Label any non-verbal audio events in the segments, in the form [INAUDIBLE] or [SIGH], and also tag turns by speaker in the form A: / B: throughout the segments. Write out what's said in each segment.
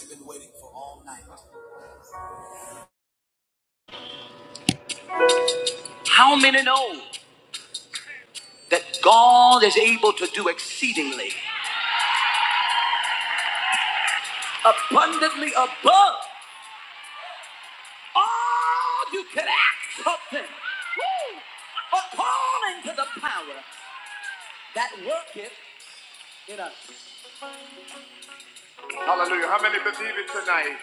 A: You've been waiting for all night. How many know that God is able to do exceedingly, abundantly above all you can ask something, Woo! according to the power that worketh in us? Hallelujah. How many believe it tonight?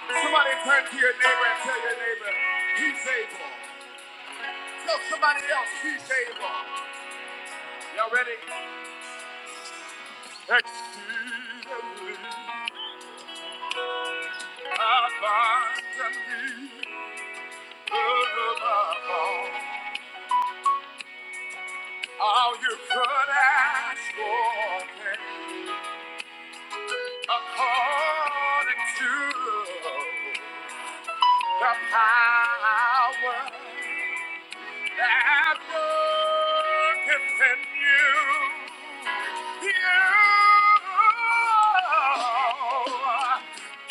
A: Somebody turn to your neighbor and tell your neighbor, he's able. Tell somebody else, he's able. Y'all ready? Exceedingly, abundantly. All you could ask for according to the power that worketh in you. You,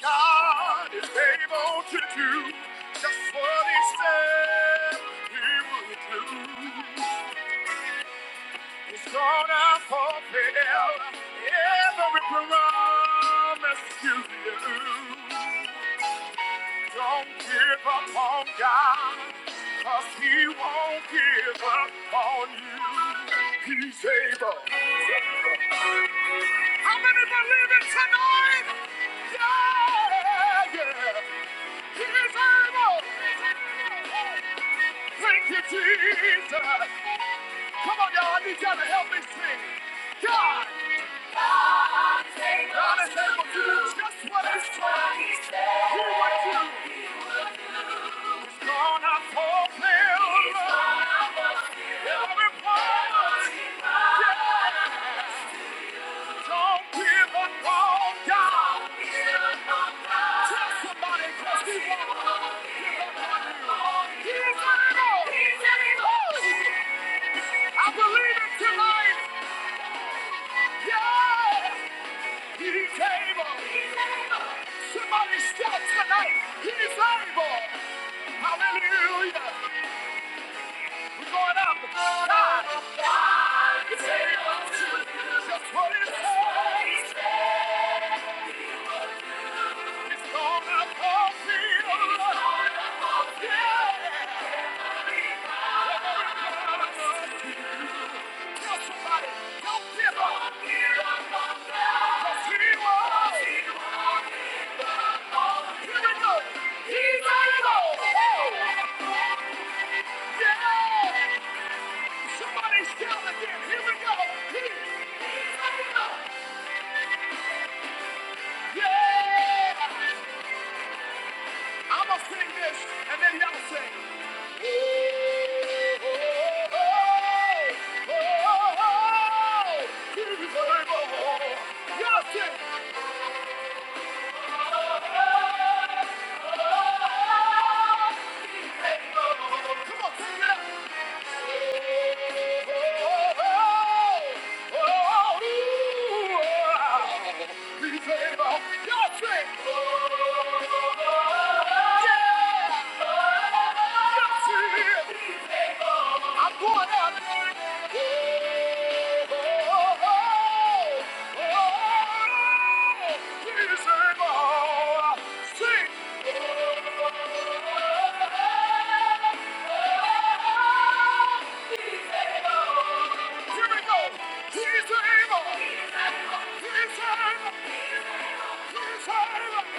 A: God is able to do just what He said He would do. He's gonna fulfill every promise to you. Don't give up on God, cause He won't give up on you. He's able. How many believe it tonight? Yeah, yeah. He's able. Thank you, Jesus. Come on, y'all. I need y'all to help me sing. God. God is able to do just what He said. He would do. He's gonna fulfill every promise. Yeah, don't give up on God. Tell somebody 'cause He won't. He's able. I believe it tonight. Yeah. He's able. Somebody shout tonight. He's able. Hallelujah. We're going up. God. God is able to do just what he says. It's gonna fulfill. It's gonna fulfill. Tell somebody, do Here we go. Yeah. Somebody shout again. Here we go. He- He's our Yeah. I'ma and then y'all sing. Oh, oh, oh, oh, oh, oh. Your trick. Yeah! He's able. He's able.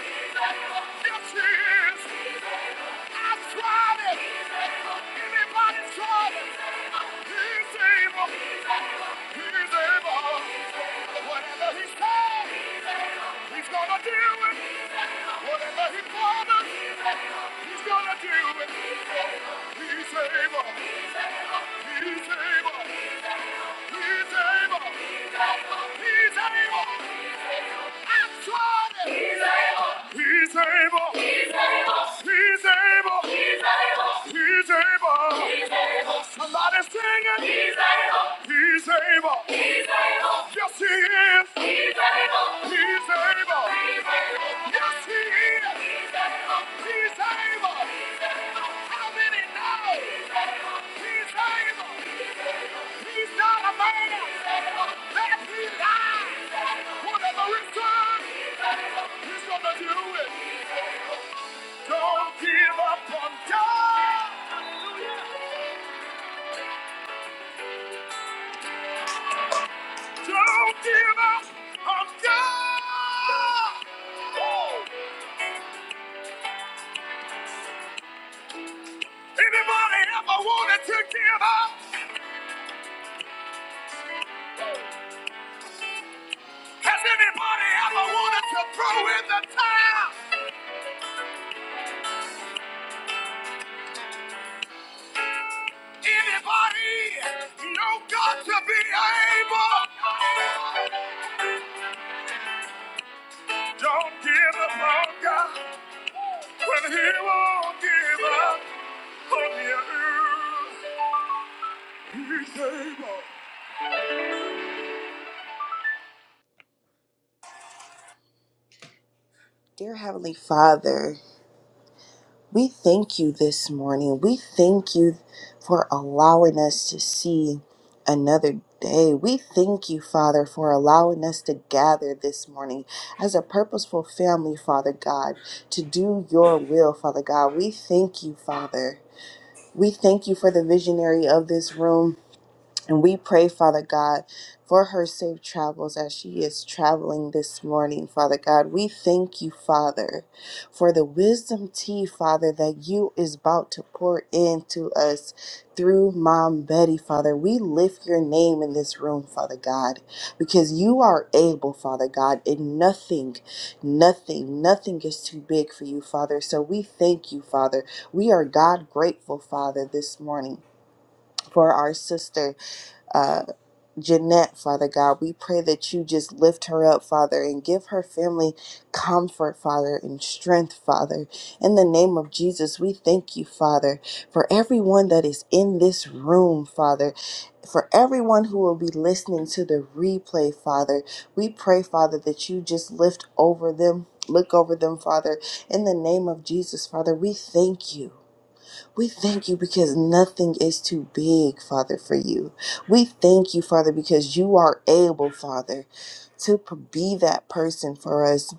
A: He's able. Yes, he is. I tried it. Anybody tried it? He's able. He's able. Whatever he said, he's gonna do it. Whatever he promised, he's gonna do it. He's able. He's able. He's able. He's able. I tried it. He's able. He's able. He's able. He's able. He's able. Somebody sing He's able. Yes, he is. He's able. He's able. Yes, he is. He's able. He's able. How many know? He's able. He's able. He's not a man that he lies. Whatever it's done, he's gonna do it. Don't give up on God. Don't give up on God. Oh, Anybody ever wanted to give up? Has anybody ever wanted to throw in the towel? Anybody know God to be able? Don't give up on God when He won't give up on you. He's able. Dear Heavenly Father. We thank you this morning. We thank you for allowing us to see another day. We thank you, Father, for allowing us to gather this morning as a purposeful family, Father God, to do your will, Father God. We thank you, Father. We thank you for the visionary of this room. And we pray, Father God, for her safe travels as she is traveling this morning, Father God. We thank you, Father, for the wisdom tea, Father, that you is about to pour into us through Mom Betty, Father. We lift your name in this room, Father God, because you are able, Father God, and nothing, nothing, nothing is too big for you, Father. So we thank you, Father. We are God grateful, Father, this morning for our sister. uh, Jeanette, Father God. We pray that you just lift her up, Father, and give her family comfort, Father, and strength, Father. In the name of Jesus, we thank you, Father, for everyone that is in this room, Father. For everyone who will be listening to the replay, Father, we pray, Father, that you just lift over them, look over them, Father. In the name of Jesus, Father, we thank you. We thank you because nothing is too big, Father, for you. We thank you, Father, because you are able, Father, to p- be that person for us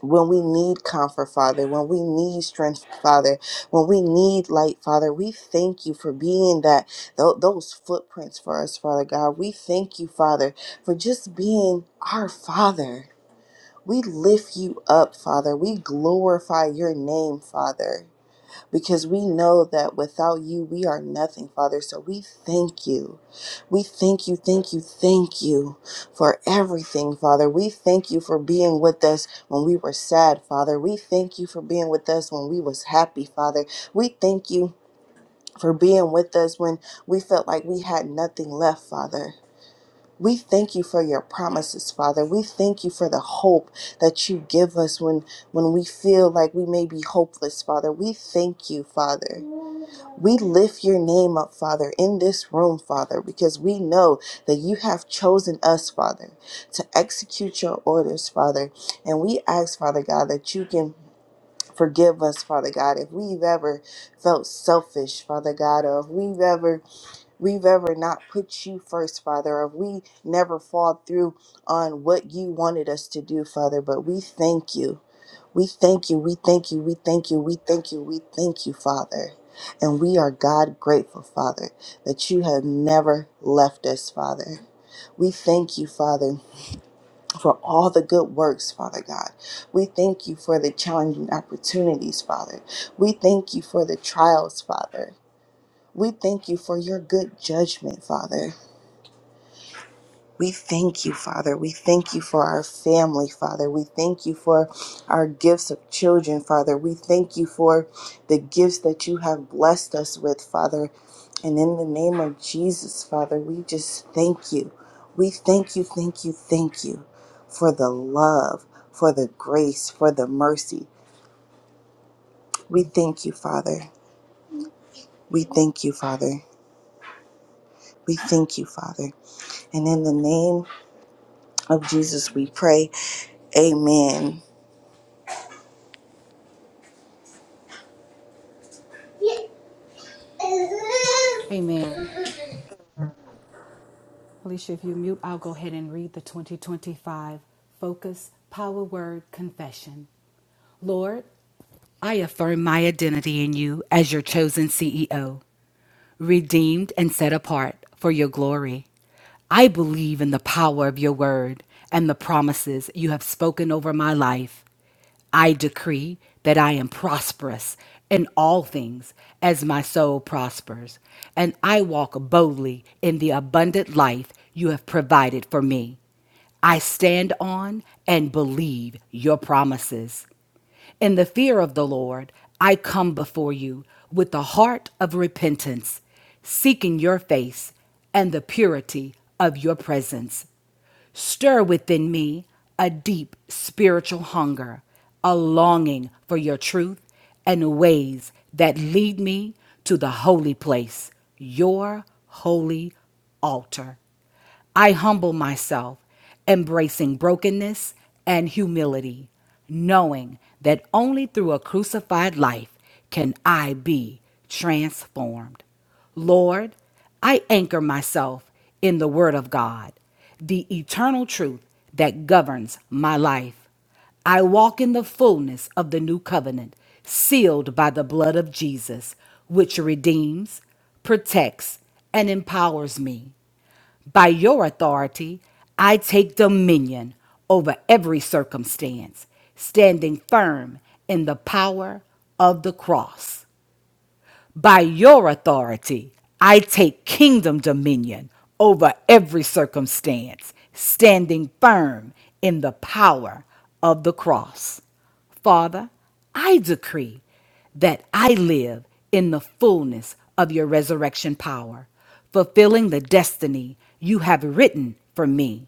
A: when we need comfort, Father, when we need strength, Father, when we need light, Father. We thank you for being that tho- those footprints for us, Father God. We thank you, Father, for just being our Father. We lift you up, Father. We glorify your name, Father because we know that without you, we are nothing, Father. So we thank you. We thank you, thank you, thank you for everything, Father. We thank you for being with us when we were sad, Father. We thank you for being with us when we was happy, Father. We thank you for being with us when we felt like we had nothing left, Father. We thank you for your promises, Father. We thank you for the hope that you give us when when we feel like we may be hopeless, Father. We thank you, Father. We lift your name up, Father, in this room, Father, because we know that you have chosen us, Father, to execute your orders, Father. And we ask, Father God, that you can forgive us, Father God, if we've ever felt selfish, Father God, or if we've ever we've ever not put you first, Father, or we never fall through on what you wanted us to do, Father, but we thank you. We thank you, we thank you, we thank you, we thank you, we thank you, Father. And we are God grateful, Father, that you have never left us, Father. We thank you, Father, for all the good works, Father God. We thank you for the challenging opportunities, Father. We thank you for the trials, Father. We thank you for your good judgment, Father. We thank you, Father. We thank you for our family, Father. We thank you for our gifts of children, Father. We thank you for the gifts that you have blessed us with, Father. And in the name of Jesus, Father, we just thank you. We thank you, thank you, thank you for the love, for the grace, for the mercy. We thank you, Father. We thank you, Father. We thank you, Father. And in the name Of Jesus we pray. Amen.
B: Amen. Alicia, if you mute, I'll go ahead and read the 2025 Focus Power Word Confession. Lord, I affirm my identity in you as your chosen CEO, redeemed and set apart for your glory. I believe in the power of your word and the promises you have spoken over my life. I decree that I am prosperous in all things as my soul prospers, and I walk boldly in the abundant life you have provided for me. I stand on and believe your promises. In the fear of the Lord, I come before you with the heart of repentance, seeking your face and the purity of your presence. Stir within me a deep spiritual hunger, a longing for your truth and ways that lead me to the holy place, your holy altar. I humble myself, embracing brokenness and humility, knowing that only through a crucified life can I be transformed. Lord, I anchor myself in the Word of God, the eternal truth that governs my life. I walk in the fullness of the new covenant, sealed by the blood of Jesus, which redeems, protects, and empowers me. By your authority, I take dominion over every circumstance, standing firm in the power of the cross. By your authority, I take kingdom dominion over every circumstance, standing firm in the power of the cross. Father, I decree that I live in the fullness of your resurrection power, fulfilling the destiny you have written for me.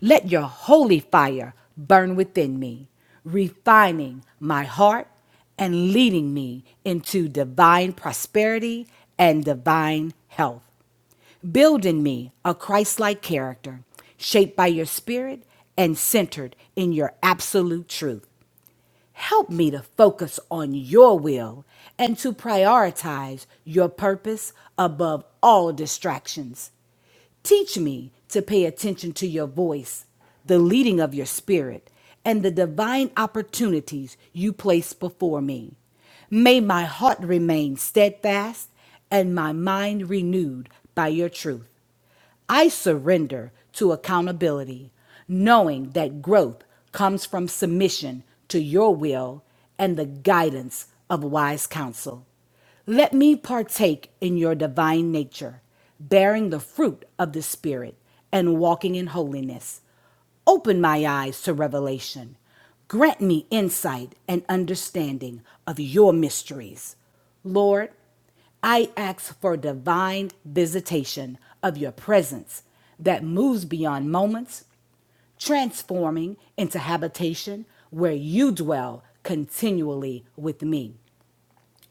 B: Let your holy fire burn within me, refining my heart and leading me into divine prosperity and divine health. Build in me a Christ like character, shaped by your spirit and centered in your absolute truth. Help me to focus on your will and to prioritize your purpose above all distractions. Teach me to pay attention to your voice, the leading of your spirit, and the divine opportunities you place before me. May my heart remain steadfast and my mind renewed by your truth. I surrender to accountability, knowing that growth comes from submission to your will and the guidance of wise counsel. Let me partake in your divine nature, bearing the fruit of the Spirit and walking in holiness. Open my eyes to revelation. Grant me insight and understanding of your mysteries. Lord, I ask for divine visitation of your presence that moves beyond moments, transforming into habitation where you dwell continually with me.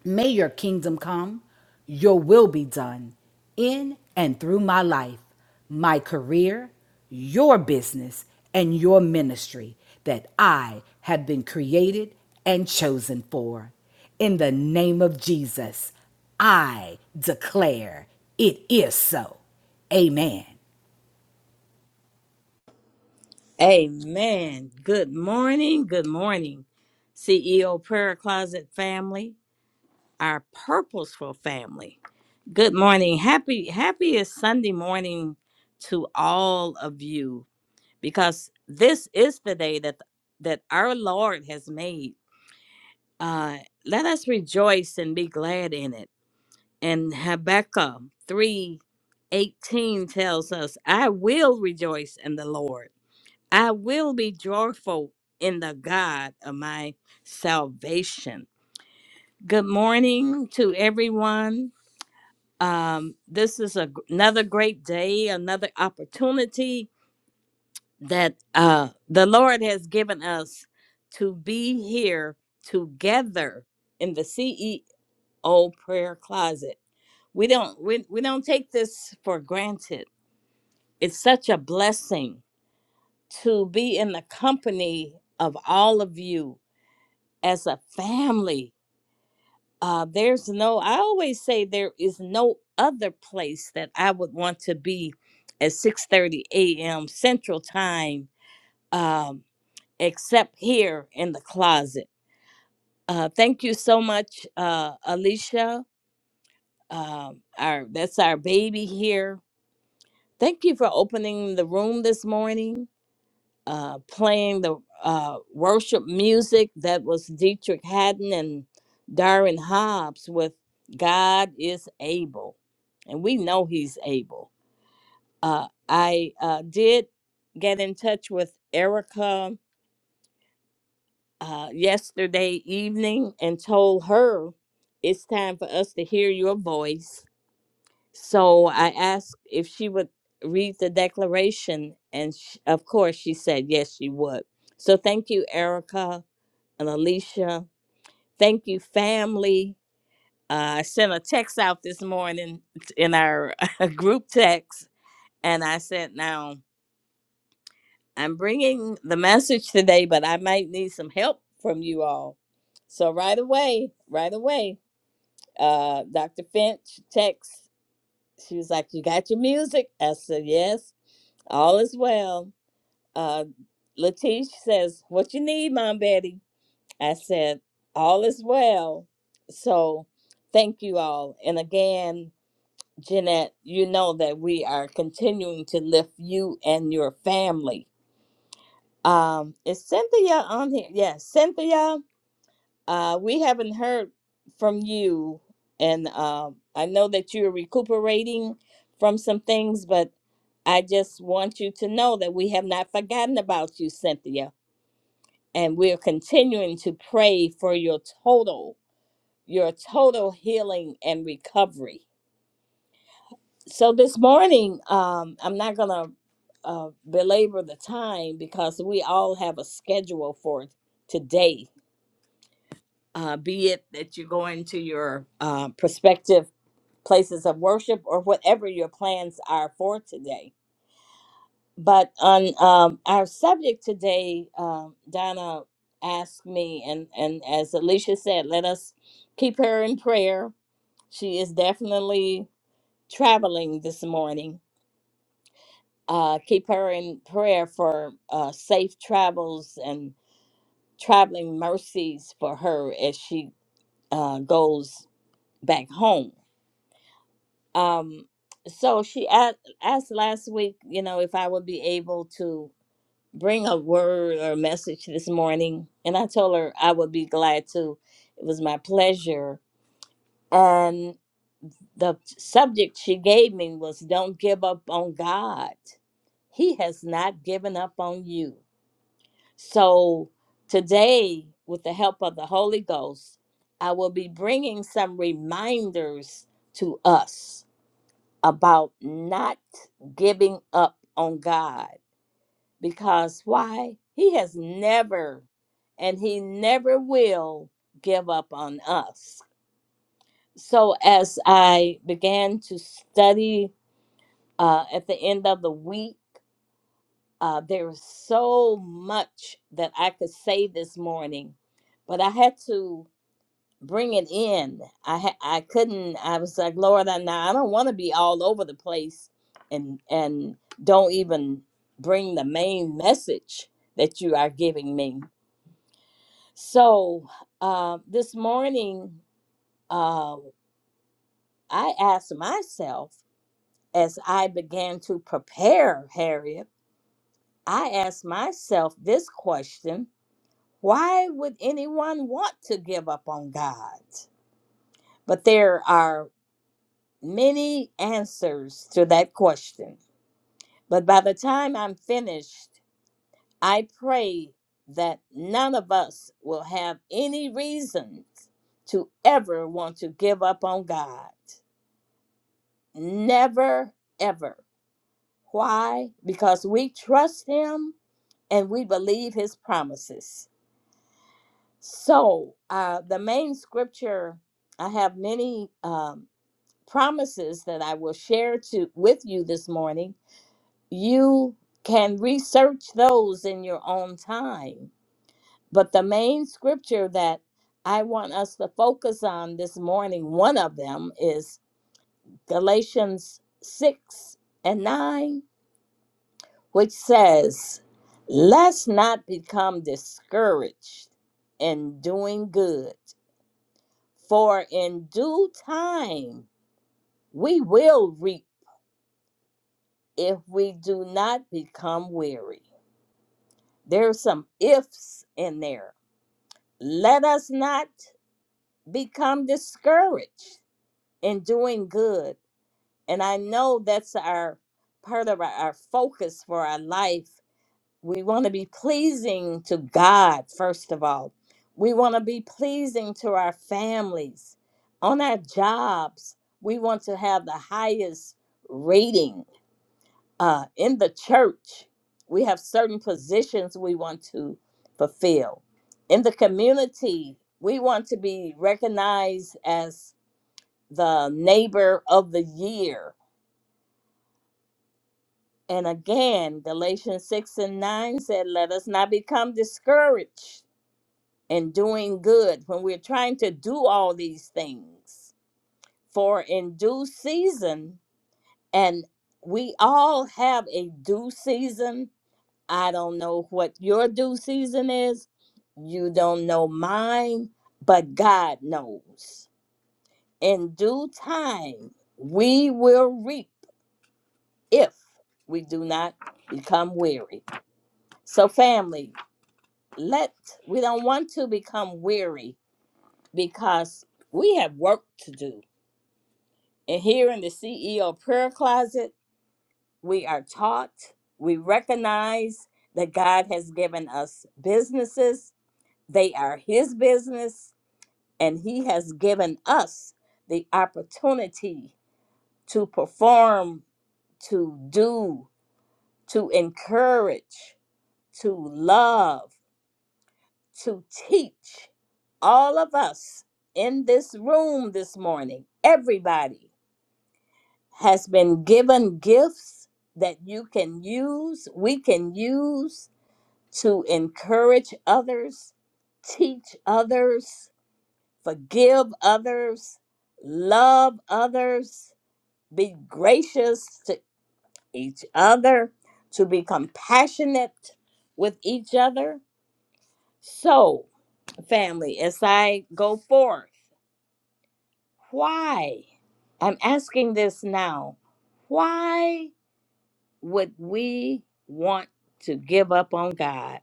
B: May your kingdom come, your will be done in and through my life, my career, your business, and your ministry that I have been created and chosen for. In the name of Jesus, I declare it is so. Amen.
C: Amen. Good morning. Good morning, CEO Prayer Closet family, our purposeful family. Good morning. Happy, happiest Sunday morning to all of you because this is the day that that our Lord has made. Uh, let us rejoice and be glad in it. And Habakkuk three eighteen tells us, I will rejoice in the Lord I will be joyful in the God of my salvation. Good morning to everyone. Um, this is a, another great day, another opportunity that uh, the Lord has given us to be here together in the CEO prayer closet. We don't we, we don't take this for granted. It's such a blessing to be in the company of all of you as a family. Uh, there's no, I always say there is no other place that I would want to be at 6:30 a.m. Central Time, um, except here in the closet. Uh, thank you so much, uh, Alicia. Um, our that's our baby here. Thank you for opening the room this morning. uh, playing the uh, worship music that was Dietrich Haddon and Darren Hobbs with God is Able. And we know He's able. Uh, I uh, did get in touch with Erica uh, yesterday evening and told her it's time for us to hear your voice. So I asked if she would read the declaration. And sh of course, she said yes, she would. So thank you, Erica and Alicia. Thank you, family. Uh, I sent a text out this morning t- in our [LAUGHS] group text, and I said, Now, I'm bringing the message today, but I might need some help from you all. So, right away, right away, uh, Dr. Finch text. She was like, You got your music? I said, Yes, all is well. Uh, Latish says, What you need, Mom Betty? I said, All is well. So thank you all. And again, Jeanette, you know that we are continuing to lift you and your family. Um, is Cynthia on here? Yes, Cynthia, uh, we haven't heard from you. And um, I know that you're recuperating from some things, but I just want you to know that we have not forgotten about you, Cynthia. And we're continuing to pray for your total your total healing and recovery. So this morning, um, I'm not gonna uh, belabor the time because we all have a schedule for today. Uh, be it that you're going to your uh, prospective places of worship or whatever your plans are for today. But on um, our subject today, um, Donna asked me, and and as Alicia said, let us keep her in prayer. She is definitely traveling this morning. Uh, keep her in prayer for uh, safe travels and traveling mercies for her as she uh, goes back home. Um, so she asked, asked last week, you know, if I would be able to bring a word or message this morning. And I told her I would be glad to. It was my pleasure. And the subject she gave me was Don't Give Up on God He has not given up on you. So today, with the help of the Holy Ghost, I will be bringing some reminders to us about not giving up on God. Because why? He has never and he never will give up on us. So as I began to study uh, at the end of the week, Uh, there is so much that I could say this morning, but I had to bring it in. I ha- I couldn't. I was like, Lord, I now I don't want to be all over the place, and and don't even bring the main message that you are giving me. So uh, this morning, uh, I asked myself as I began to prepare, Harriet. I asked myself this question Why would anyone want to give up on God? But there are many answers to that question. But by the time I'm finished, I pray that none of us will have any reason to ever want to give up on God. Never, ever. Why? Because we trust Him and we believe His promises. So, uh, the main scripture, I have many. Um, promises that I will share to with you this morning, you can research those in your own time. But the main scripture that I want us to focus on this morning, one of them is Galatians 6 and 9, which says, Let's not become discouraged in doing good, for in due time we will reap if we do not become weary. There's some ifs in there. Let us not become discouraged in doing good. And I know that's our part of our, our focus for our life. We want to be pleasing to God, first of all. We want to be pleasing to our families. On our jobs, we want to have the highest rating uh, in the church, we have certain positions we want to fulfill. In the community, we want to be recognized as the neighbor of the year. And again, Galatians 6 and 9 said, Let us not become discouraged in doing good when we're trying to do all these things. For in due season, and we all have a due season I don't know what your due season is. You don't know mine, but God knows. In due time, we will reap if we do not become weary. So, family, let we don't want to become weary because we have work to do. And here in the CEO prayer closet, we are taught, we recognize that God has given us businesses They are his business, and he has given us the opportunity to perform, to do, to encourage, to love, to teach. All of us in this room this morning, everybody has been given gifts that you can use, we can use to encourage others, teach others forgive others, love others, be gracious to each other, to be compassionate with each other. So, family, as I go forth, why? I'm asking this now. Why would we want to give up on God?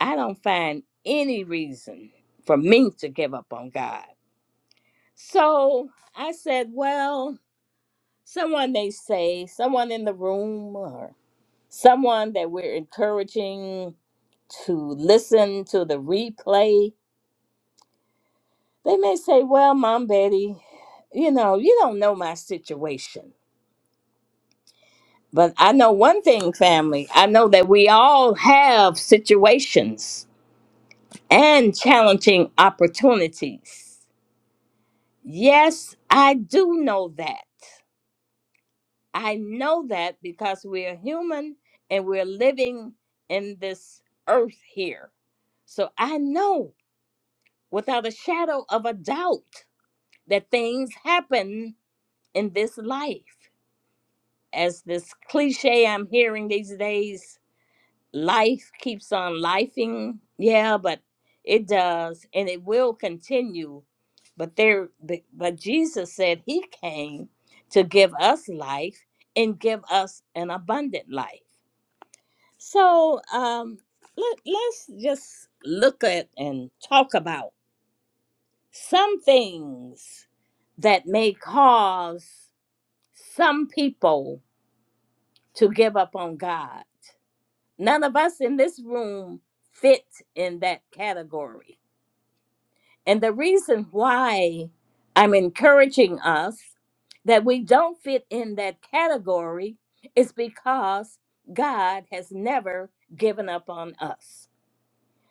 C: I don't find any reason for me to give up on God. So I said, well, someone they say, someone in the room, or someone that we're encouraging to listen to the replay, they may say, Well, Mom Betty, you know, you don't know my situation. But I know one thing, family. I know that we all have situations and challenging opportunities. Yes, I do know that. I know that because we're human and we're living in this earth here. So I know without a shadow of a doubt that things happen in this life. As this cliche I'm hearing these days, life keeps on lifing. Yeah, but it does and it will continue. But there but but Jesus said he came to give us life and give us an abundant life. So um, let, let's just look at and talk about some things that may cause some people to give up on God. None of us in this room fit in that category. And the reason why I'm encouraging us that we don't fit in that category is because God has never given up on us.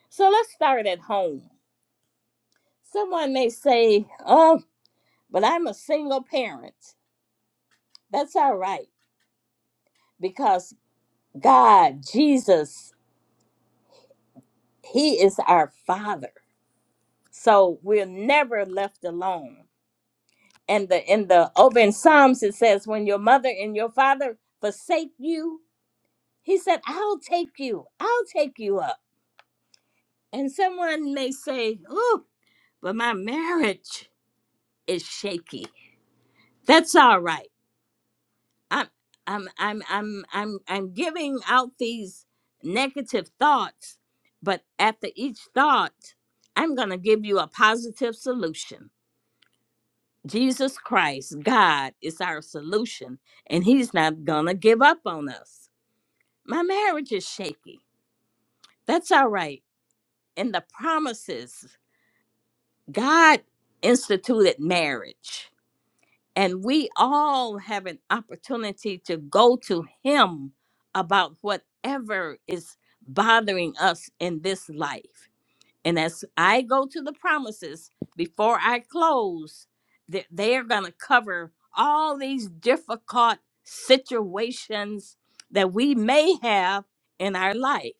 C: So let's start at home Someone may say, Oh, but I'm a single parent. That's all right because God, Jesus, He is our Father. So we're never left alone. And the in the open Psalms it says, When your mother and your father forsake you, he said, I'll take you, I'll take you up. And someone may say, Oh, but my marriage is shaky. That's all right I'm I'm I'm I'm I'm I'm giving out these negative thoughts, but after each thought, I'm going to give you a positive solution. Jesus Christ, God is our solution, and he's not going to give up on us. My marriage is shaky. That's all right. And the promises, God instituted marriage. And we all have an opportunity to go to Him about whatever is bothering us in this life. And as I go to the promises before I close, that they are going to cover all these difficult situations that we may have in our life.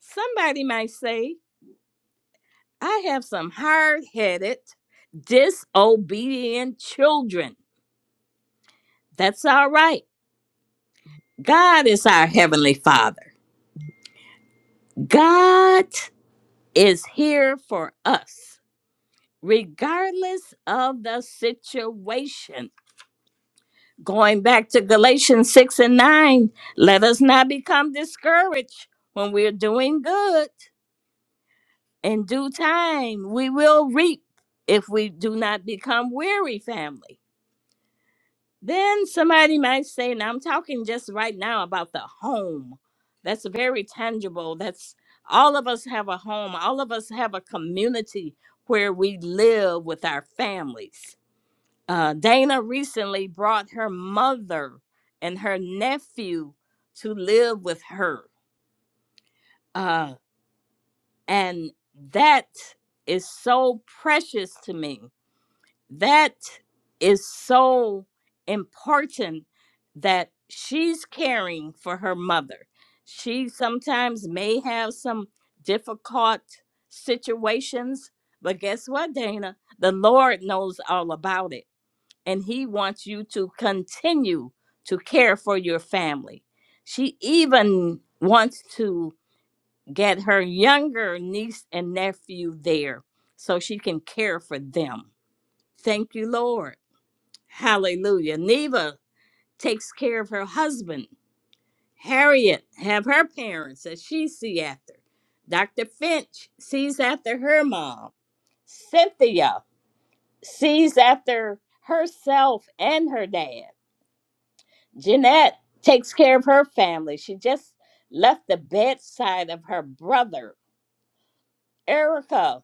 C: Somebody might say, I have some hard headed, disobedient children. That's all right God is our Heavenly Father. God is here for us, regardless of the situation. Going back to Galatians 6 and 9, let us not become discouraged when we're doing good. In due time, we will reap if we do not become weary, family. Then somebody might say, now I'm talking just right now about the home. That's very tangible. That's all of us have a home, all of us have a community where we live with our families. Uh, Dana recently brought her mother and her nephew to live with her. Uh, and that is so precious to me that is so important that she's caring for her mother. She sometimes may have some difficult situations, but guess what, Dana? The Lord knows all about it, and He wants you to continue to care for your family. She even wants to get her younger niece and nephew there so she can care for them. Thank you, Lord. Hallelujah. Neva takes care of her husband. Harriet have her parents that she see after. Dr. Finch sees after her mom. Cynthia sees after herself and her dad. Jeanette takes care of her family. She just left the bedside of her brother. Erica.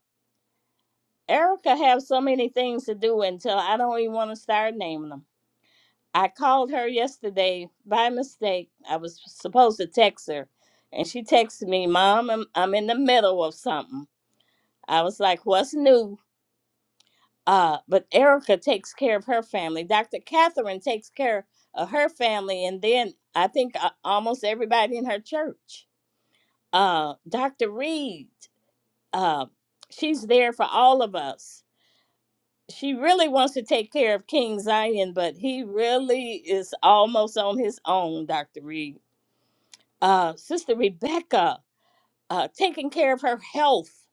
C: Erica have so many things to do until I don't even want to start naming them. I called her yesterday by mistake. I was supposed to text her, and she texted me, "Mom, I'm, I'm in the middle of something." I was like, "What's new?" Uh, but Erica takes care of her family. Dr. Catherine takes care of her family, and then I think uh, almost everybody in her church. Uh, Dr. Reed, uh, she's there for all of us. She really wants to take care of King Zion, but he really is almost on his own, Dr. Reed uh, Sister Rebecca, uh, taking care of her health,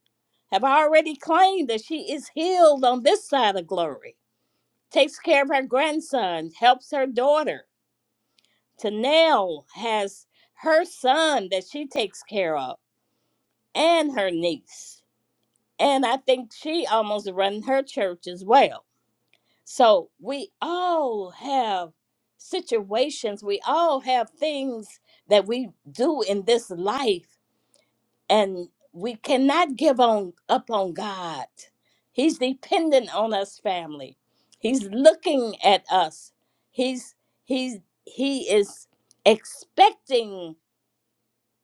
C: have already claimed that she is healed on this side of glory. Takes care of her grandson, helps her daughter. Tanel has her son that she takes care of, and her niece. And I think she almost run her church as well. So we all have situations, we all have things that we do in this life and we cannot give on up on God. He's dependent on us, family. He's looking at us. He's he's he is expecting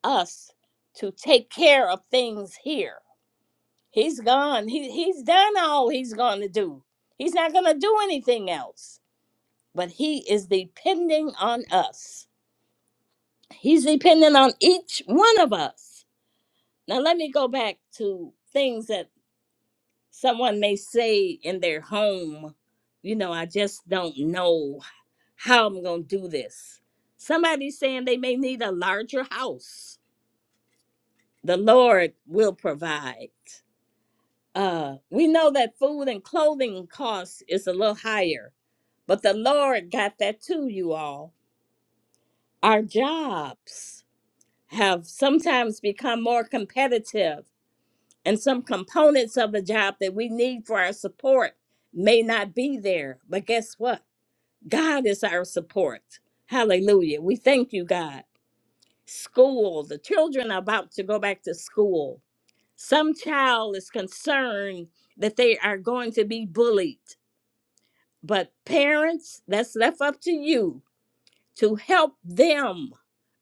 C: us to take care of things here. He's gone. He he's done all he's going to do. He's not going to do anything else. But he is depending on us. He's dependent on each one of us. Now let me go back to things that someone may say in their home, you know, I just don't know how I'm going to do this. Somebody's saying they may need a larger house. The Lord will provide. Uh, we know that food and clothing costs is a little higher, but the Lord got that too, you all. Our jobs have sometimes become more competitive and some components of a job that we need for our support may not be there. But guess what? God is our support. Hallelujah. We thank you, God. School, the children are about to go back to school. Some child is concerned that they are going to be bullied, but parents, that's left up to you to help them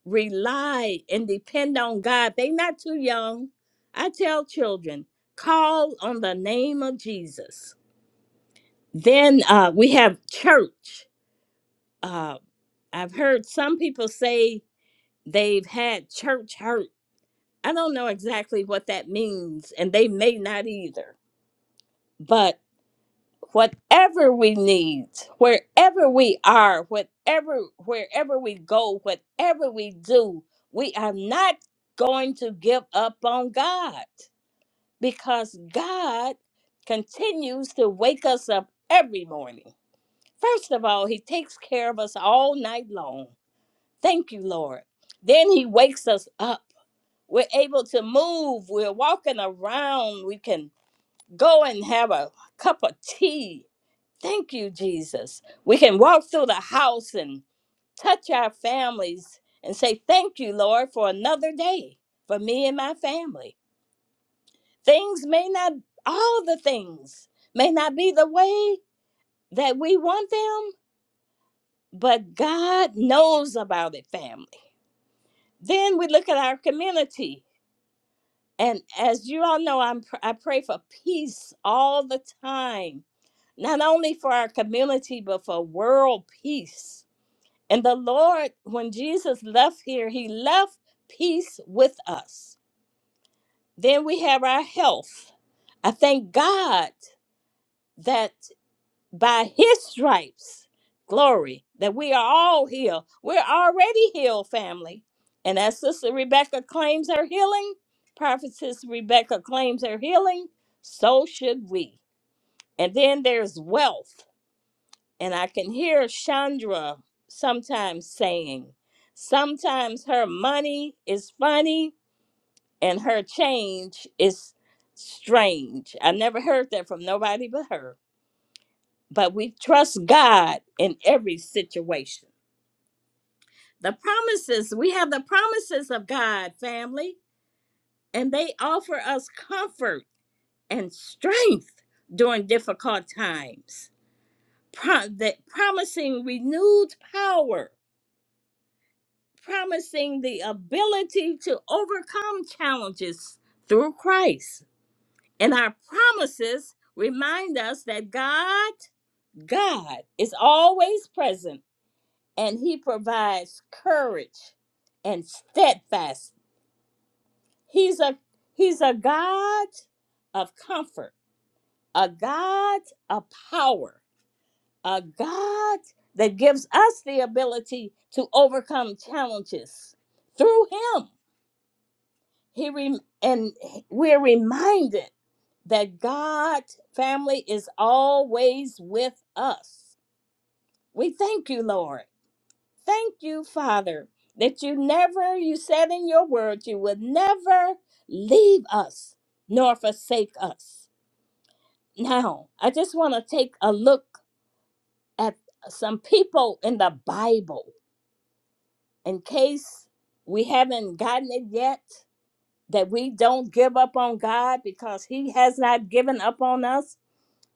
C: rely and depend on God. They're not too young. I tell children, call on the name of Jesus. Then uh, we have church. Uh, I've heard some people say they've had church hurt. I don't know exactly what that means, and they may not either. But. whatever we need, wherever we are, whatever wherever we go, whatever we do, we are not going to give up on God because God continues to wake us up every morning. First of all, he takes care of us all night long. Thank you, Lord. Then he wakes us up. We're able to move. We're walking around. We can go and have a cup of tea Thank you, Jesus. We can walk through the house and touch our families and say, Thank you, Lord, for another day for me and my family. Things may not, all the things may not be the way that we want them, but God knows about it, family. Then we look at our community. And as you all know, I'm, I pray for peace all the time, not only for our community, but for world peace And the Lord, when Jesus left here, he left peace with us. Then we have our health. I thank God that by his stripes, glory, that we are all healed. We're already healed, family. And as Sister Rebecca claims her healing, Prophetess Rebecca claims her healing, so should we. And then there's wealth. and I can hear Chandra sometimes saying, sometimes her money is funny and her change is strange. I never heard that from nobody but her. But we trust God in every situation. The promises, we have the promises of God, family, and they offer us comfort and strength during difficult times. Pro- that promising renewed power promising the ability to overcome challenges through Christ. And our promises remind us that God, God is always present and he provides courage and steadfast. He's a he's a God of comfort, a God of power, a God that gives us the ability to overcome challenges through him. he rem and we're reminded that God family is always with us. We thank you, Lord. Thank you, Father, that you never, you said in your word, you would never leave us nor forsake us. Now, I just want to take a look at some people in the Bible in case we haven't gotten it yet. that we don't give up on God because He has not given up on us.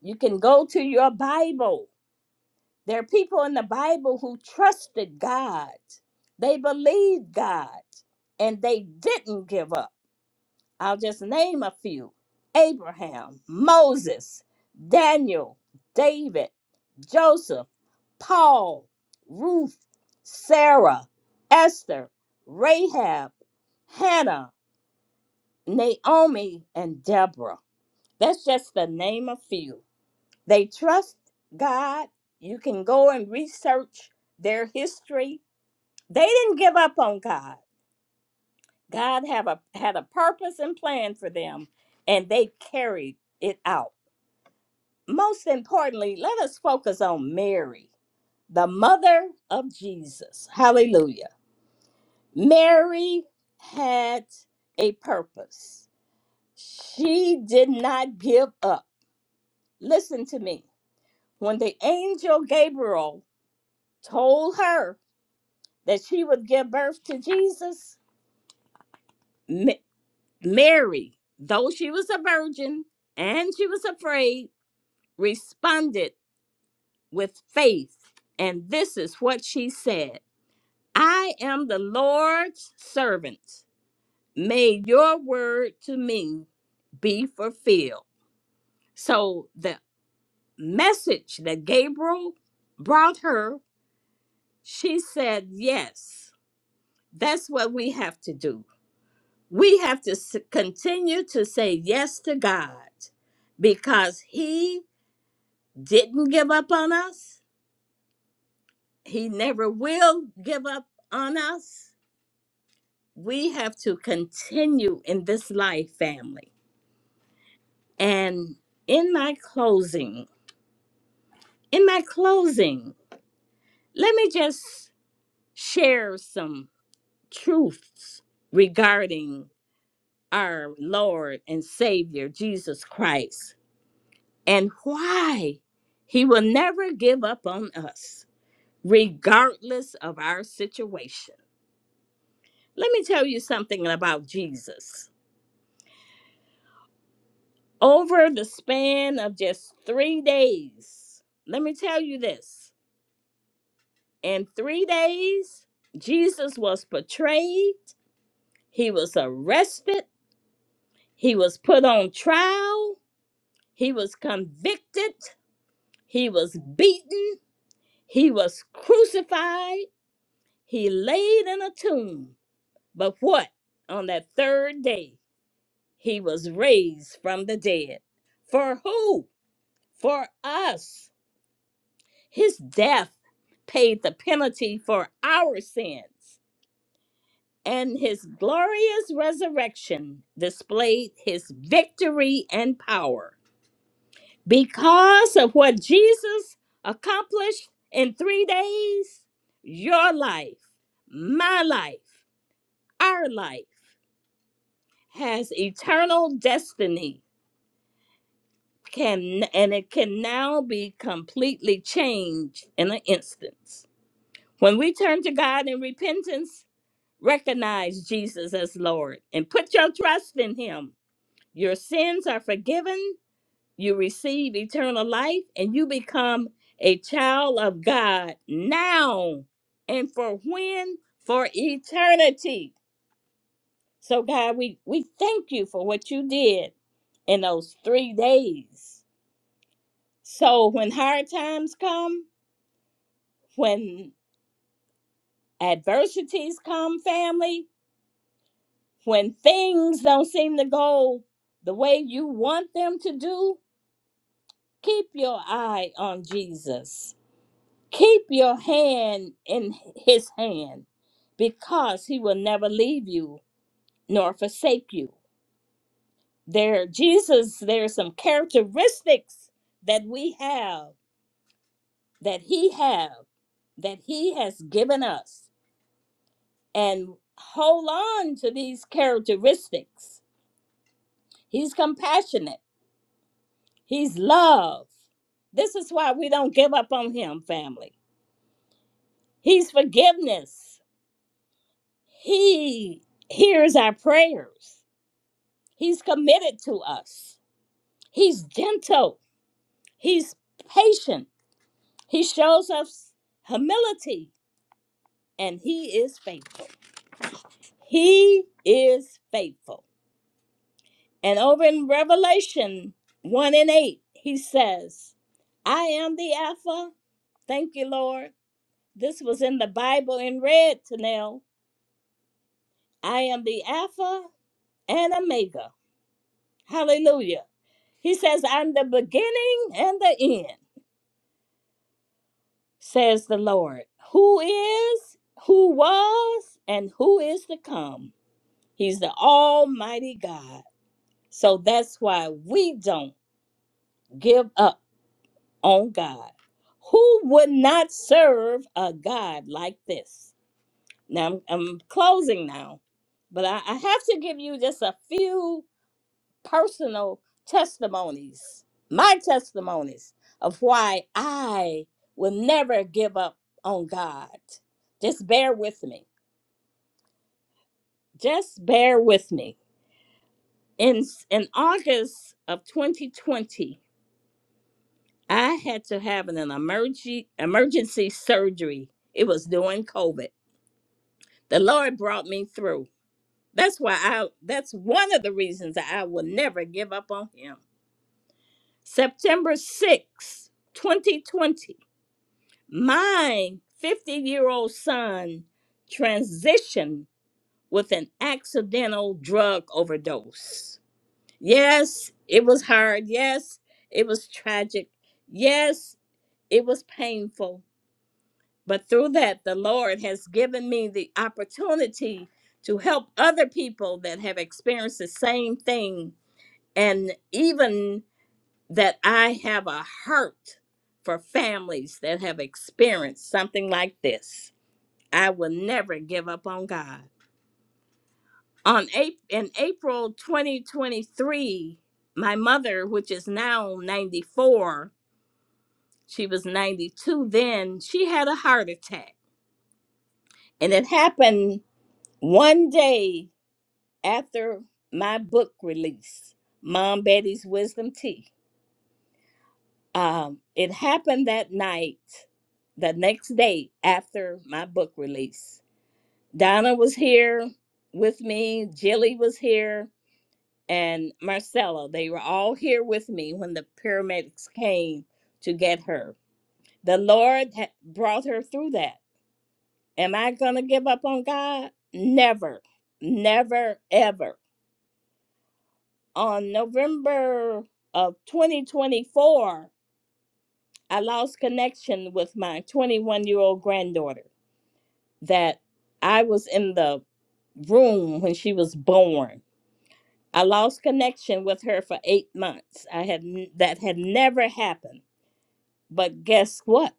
C: You can go to your Bible. There are people in the Bible who trusted God, they believed God, and they didn't give up. I'll just name a few Abraham, Moses, Daniel, David, Joseph, Paul, Ruth, Sarah, Esther, Rahab, Hannah. Naomi and Deborah. That's just the name of few. They trust God. You can go and research their history. They didn't give up on God. God have a had a purpose and plan for them, and they carried it out. Most importantly, let us focus on Mary, the mother of Jesus. Hallelujah. Mary had a purpose. She did not give up Listen to me. When the angel Gabriel told her that she would give birth to Jesus, Ma- Mary, though she was a virgin and she was afraid, responded with faith. And this is what she said I am the Lord's servant. May your word to me be fulfilled. So the message that Gabriel brought her, she said yes That's what we have to do. We have to s- continue to say yes to God because He didn't give up on us. He never will give up on us. We have to continue in this life, family. And in my closing, in my closing, let me just share some truths regarding our Lord and Savior, Jesus Christ. and why he will never give up on us, regardless of our situation. Let me tell you something about Jesus. Over the span of just three days, let me tell you this in three days, Jesus was betrayed, he was arrested, he was put on trial, he was convicted, he was beaten, he was crucified, he laid in a tomb. But what? On that third day, he was raised from the dead. For who? For us. His death paid the penalty for our sins, and his glorious resurrection displayed his victory and power. Because of what Jesus accomplished in three days, your life, my life, our life has eternal destiny can and it can now be completely changed in an instance. When we turn to God in repentance, recognize Jesus as Lord and put your trust in him. Your sins are forgiven, you receive eternal life, and you become a child of God now and for when? For eternity. So God, we, we thank you for what you did in those three days So when hard times come, when adversities come, family, when things don't seem to go the way you want them to do, keep your eye on Jesus. Keep your hand in his hand because he will never leave you nor forsake you. There, Jesus, there are some characteristics that we have, that he have, that he has given us and hold on to these characteristics. He's compassionate, he's love. This is why we don't give up on him, family. He's forgiveness. He hears our prayers. He's committed to us. He's gentle. He's patient. He shows us humility and he is faithful. He is faithful. And over in Revelation 1 and 8, he says, I am the Alpha. Thank you, Lord. This was in the Bible in red, Tanel. I am the Alpha and Omega. Hallelujah. He says, I'm the beginning and the end, says the Lord, who is, who was, and who is to come. He's the Almighty God. So that's why we don't give up on God. Who would not serve a God like this? Now, I'm, I'm closing now, but I, I have to give you just a few personal testimonies, my testimonies of why I will never give up on God. Just bear with me. Just bear with me. In, in August of 2020, I had to have an emergency, emergency surgery. It was during COVID The Lord brought me through. That's why I that's one of the reasons that I will never give up on him. September 6, 2020, my 50-year-old son transitioned with an accidental drug overdose. Yes, it was hard. Yes, it was tragic. Yes, it was painful. But through that, the Lord has given me the opportunity to help other people that have experienced the same thing. And even that I have a heart for families that have experienced something like this. I will never give up on God. On April, in April 2023, my mother, which is now 94, she was 92 then, she had a heart attack. And it happened One day after my book release, Mom Betty's Wisdom Tea, um, it happened that night, the next day after my book release. Donna was here with me, Jilly was here, and Marcella. They were all here with me when the paramedics came to get her. The Lord had brought her through that. Am I going to give up on God? Never, never, ever. on November of 2024, I lost connection with my 21 year old granddaughter. That I was in the room when she was born. I lost connection with her for eight months. I had n- that had never happened. But guess what?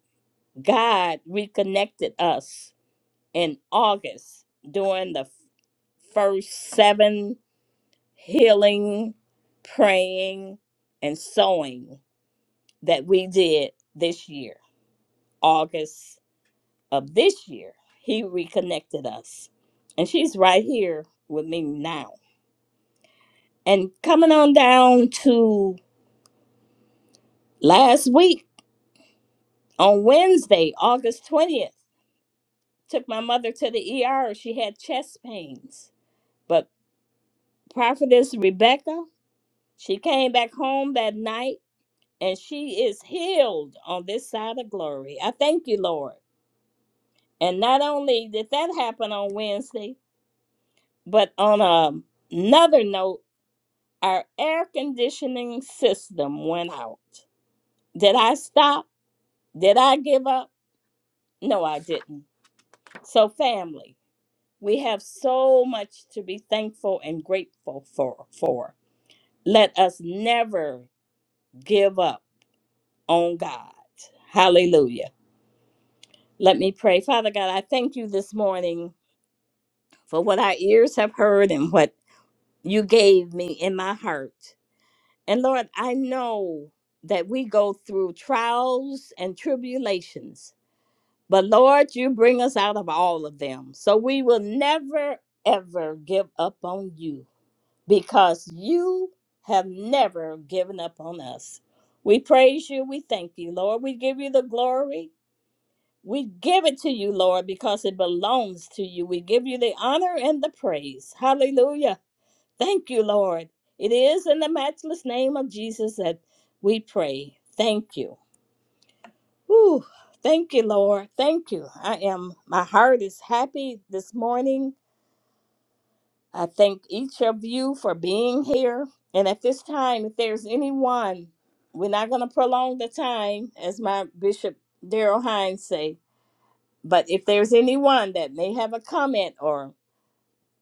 C: God reconnected us in August during the f- first seven healing, praying, and sowing that we did this year, August of this year. He reconnected us. And she's right here with me now. And coming on down to last week on Wednesday, August 20th, took my mother to the ER. She had chest pains. But Prophetess Rebecca, she came back home that night and she is healed on this side of glory. I thank you, Lord. And not only did that happen on Wednesday, But on a, another note, our air conditioning system went out. Did I stop? Did I give up? No, I didn't. So, family, we have so much to be thankful and grateful for. for. Let us never give up on God. Hallelujah. Let me pray. Father God, I thank you this morning for what our ears have heard and what you gave me in my heart. And Lord, I know that we go through trials and tribulations, but Lord, you bring us out of all of them. So we will never, ever give up on you because you have never given up on us. We praise you. We thank you, Lord. We give you the glory. We give it to you, Lord, because it belongs to you. We give you the honor and the praise. Hallelujah. Thank you, Lord. It is in the matchless name of Jesus that we pray. Thank you. Whew. Thank you, Lord. Thank you. I am, my heart is happy this morning. I thank each of you for being here. And at this time, if there's anyone, we're not going to prolong the time, as my Bishop Daryl Hines say. But if there's anyone that may have a comment or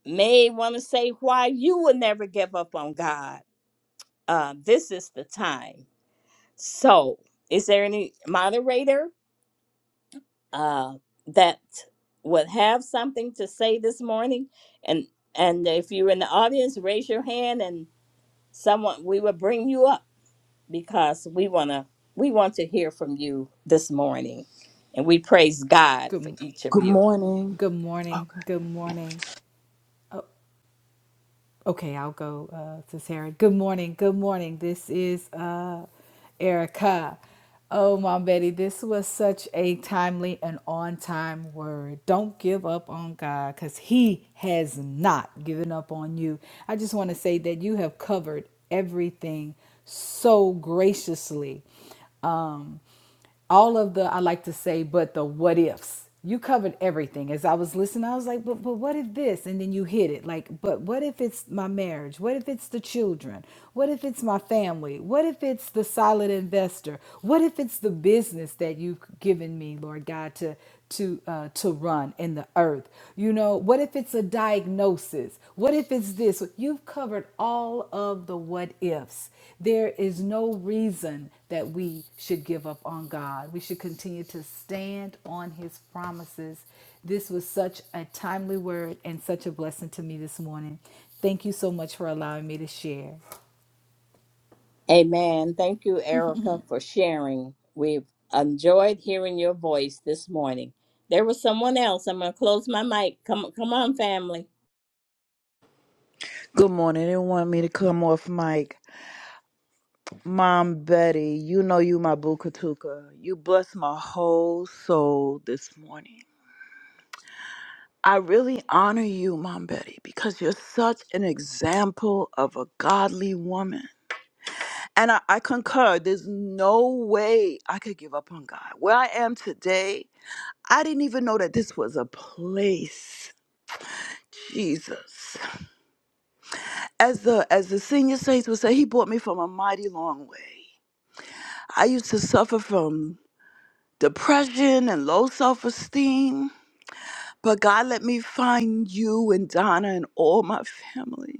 C: may want to say why you will never give up on God, uh, this is the time. So, is there any moderator uh, that would have something to say this morning? And and if you're in the audience, raise your hand, and someone we will bring you up because we wanna we want to hear from you this morning, and we praise God for
B: Good,
C: each of
D: Good
C: you.
D: morning.
B: good morning. Good morning. Okay, I'll go uh, to Sarah. Good morning. Good morning. This is uh, Erica. Oh, Mom Betty, this was such a timely and on time word. Don't give up on God because He has not given up on you. I just want to say that you have covered everything so graciously Um, all of the I like to say, but the what ifs. You covered everything. As I was listening, I was like, but but what if this? And then you hit it. Like, but what if it's my marriage? What if it's the children? What if it's my family? What if it's the solid investor? What if it's the business that you've given me, Lord God, to to uh, to run in the earth? You know, what if it's a diagnosis? What if it's this? You've covered all of the what ifs. There is no reason that we should give up on God. We should continue to stand on His promises. This was such a timely word and such a blessing to me this morning. Thank you so much for allowing me to share.
C: Amen. Thank you, Erica, for sharing. We've enjoyed hearing your voice this morning. There was someone else. I'm gonna close my mic. Come come on, family.
D: Good morning. They want me to come off mic. Mom Betty, you know you my Bukatuka. You bless my whole soul this morning. I really honor you, Mom Betty, because you're such an example of a godly woman. And I, I concur, there's no way I could give up on God. Where I am today, I didn't even know that this was a place. Jesus. As the as the senior saints would say, he brought me from a mighty long way. I used to suffer from depression and low self esteem, but God let me find you and Donna and all my family.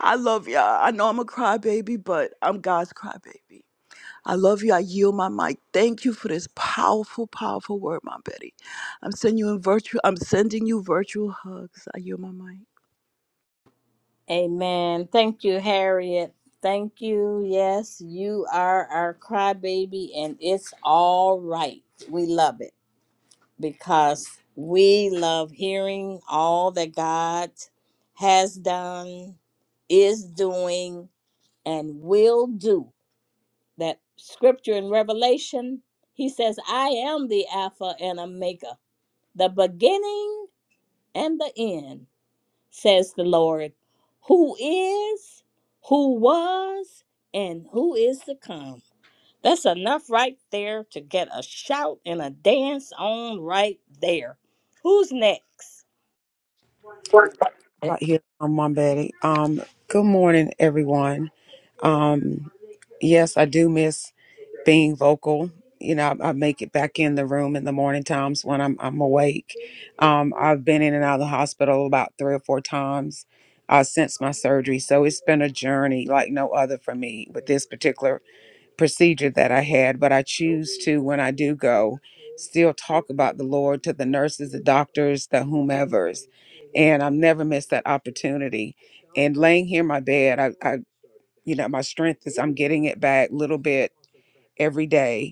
D: I love y'all. I know I'm a crybaby, but I'm God's crybaby. I love you. I yield my mic. Thank you for this powerful, powerful word, my Betty. I'm sending you in virtual. I'm sending you virtual hugs. I yield my mic.
C: Amen. Thank you, Harriet. Thank you. Yes, you are our crybaby, and it's all right. We love it because we love hearing all that God has done, is doing, and will do. That scripture in Revelation, he says, I am the Alpha and Omega, the beginning and the end says the Lord, who is, who was, and who is to come. That's enough right there to get a shout and a dance on right there. Who's next?
E: Good
F: out here on Mom Betty. Um, good morning, everyone. Um, yes, I do miss being vocal. You know, I, I make it back in the room in the morning times when I'm I'm awake. Um, I've been in and out of the hospital about three or four times uh, since my surgery, so it's been a journey like no other for me with this particular procedure that I had, but I choose to, when I do go, still talk about the Lord to the nurses, the doctors, the whomevers. And I've never missed that opportunity. And laying here in my bed, I, I you know, my strength is I'm getting it back little bit every day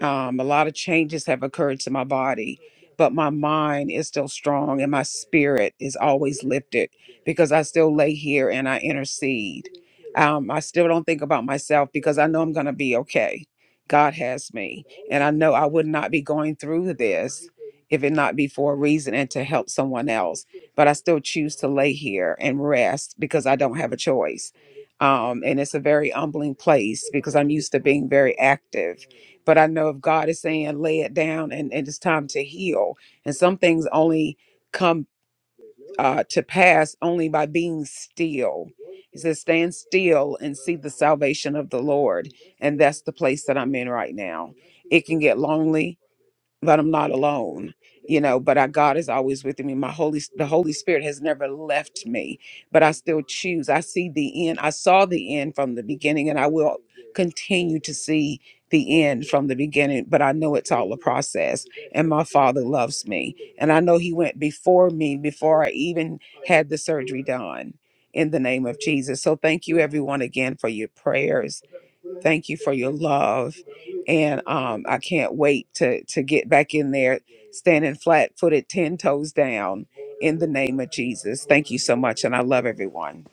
F: um, a lot of changes have occurred to my body, but my mind is still strong and my spirit is always lifted because I still lay here and I intercede. Um, I still don't think about myself because I know I'm going to be okay. God has me. And I know I would not be going through this if it not be for a reason and to help someone else. But I still choose to lay here and rest because I don't have a choice. Um, and it's a very humbling place because I'm used to being very active but I know if God is saying lay it down and, and it's time to heal. And some things only come uh, to pass only by being still. He says, stand still and see the salvation of the Lord. And that's the place that I'm in right now. It can get lonely that I'm not alone, you know, but I, God is always with me. My Holy, the Holy Spirit has never left me, but I still choose. I see the end. I saw the end from the beginning and I will continue to see the end from the beginning, but I know it's all a process and my father loves me. And I know he went before me, before I even had the surgery done in the name of Jesus. So thank you everyone again for your prayers Thank you for your love, and um, I can't wait to to get back in there, standing flat footed, ten toes down, in the name of Jesus. Thank you so much, and I love everyone.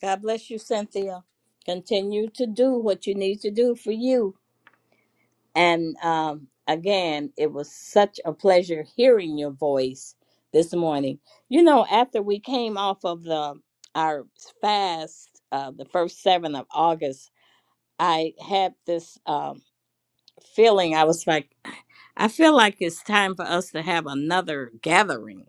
C: God bless you, Cynthia. Continue to do what you need to do for you. And um, again, it was such a pleasure hearing your voice this morning. You know, after we came off of the our fast, uh, the first seven of August, I had this um, feeling. I was like, I feel like it's time for us to have another gathering.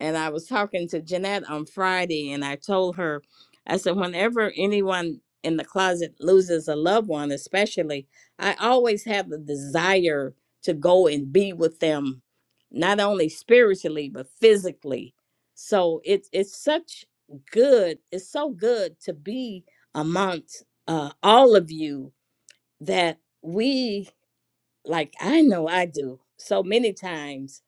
C: And I was talking to Jeanette on Friday, and I told her, I said, whenever anyone in the closet loses a loved one, especially, I always have the desire to go and be with them, not only spiritually, but physically. So it's it's such good, it's so good to be amongst uh, all of you that we, like I know I do, so many times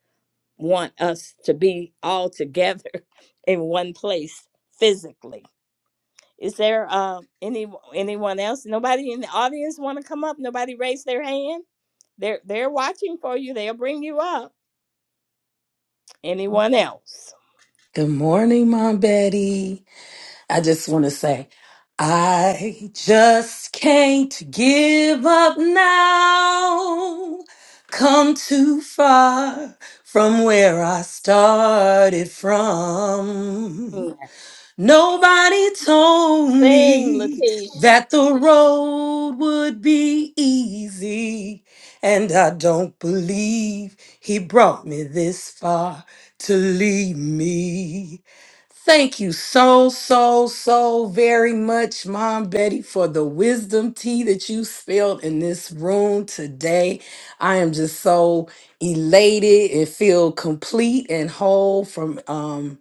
C: want us to be all together [LAUGHS] in one place physically. Is there uh, any anyone else? Nobody in the audience want to come up? Nobody raise their hand? They're they're watching for you. They'll bring you up. Anyone else?
E: morning, Mom Betty. I just want to say, I just can't give up now. Come too far from where I started from.
C: Mm.
E: Nobody told
C: Sing,
E: me
C: Latish.
E: that the road would be easy. And I don't believe he brought me this far to leave me. Thank you so, so, so very much, Mom Betty, for the wisdom tea that you spilled in this room today. I am just so elated and feel complete and whole from um,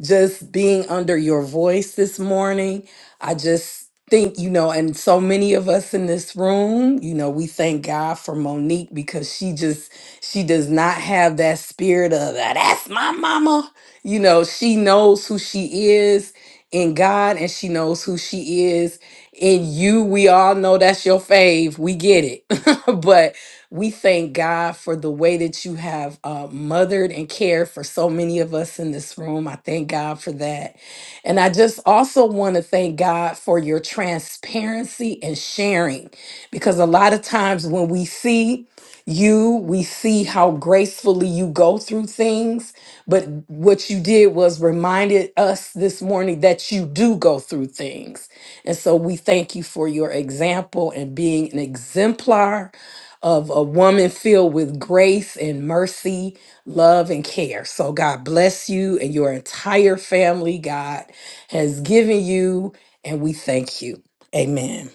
E: just being under your voice this morning. I just think, you know, and so many of us in this room, you know, we thank God for Monique because she just, she does not have that spirit of "Ah, that's my mama. You know, she knows who she is in God and she knows who she is in you. We all know that's your fave. We get it. [LAUGHS] but we thank God for the way that you have uh, mothered and cared for so many of us in this room. I thank God for that. And I just also want to thank God for your transparency and sharing because a lot of times when we see you, we see how gracefully you go through things. But what you did was reminded us this morning that you do go through things. And so we thank you for your example and being an exemplar of a woman filled with grace and mercy, love, and care. So, God bless you and your entire family. God has given you, and we thank you. Amen.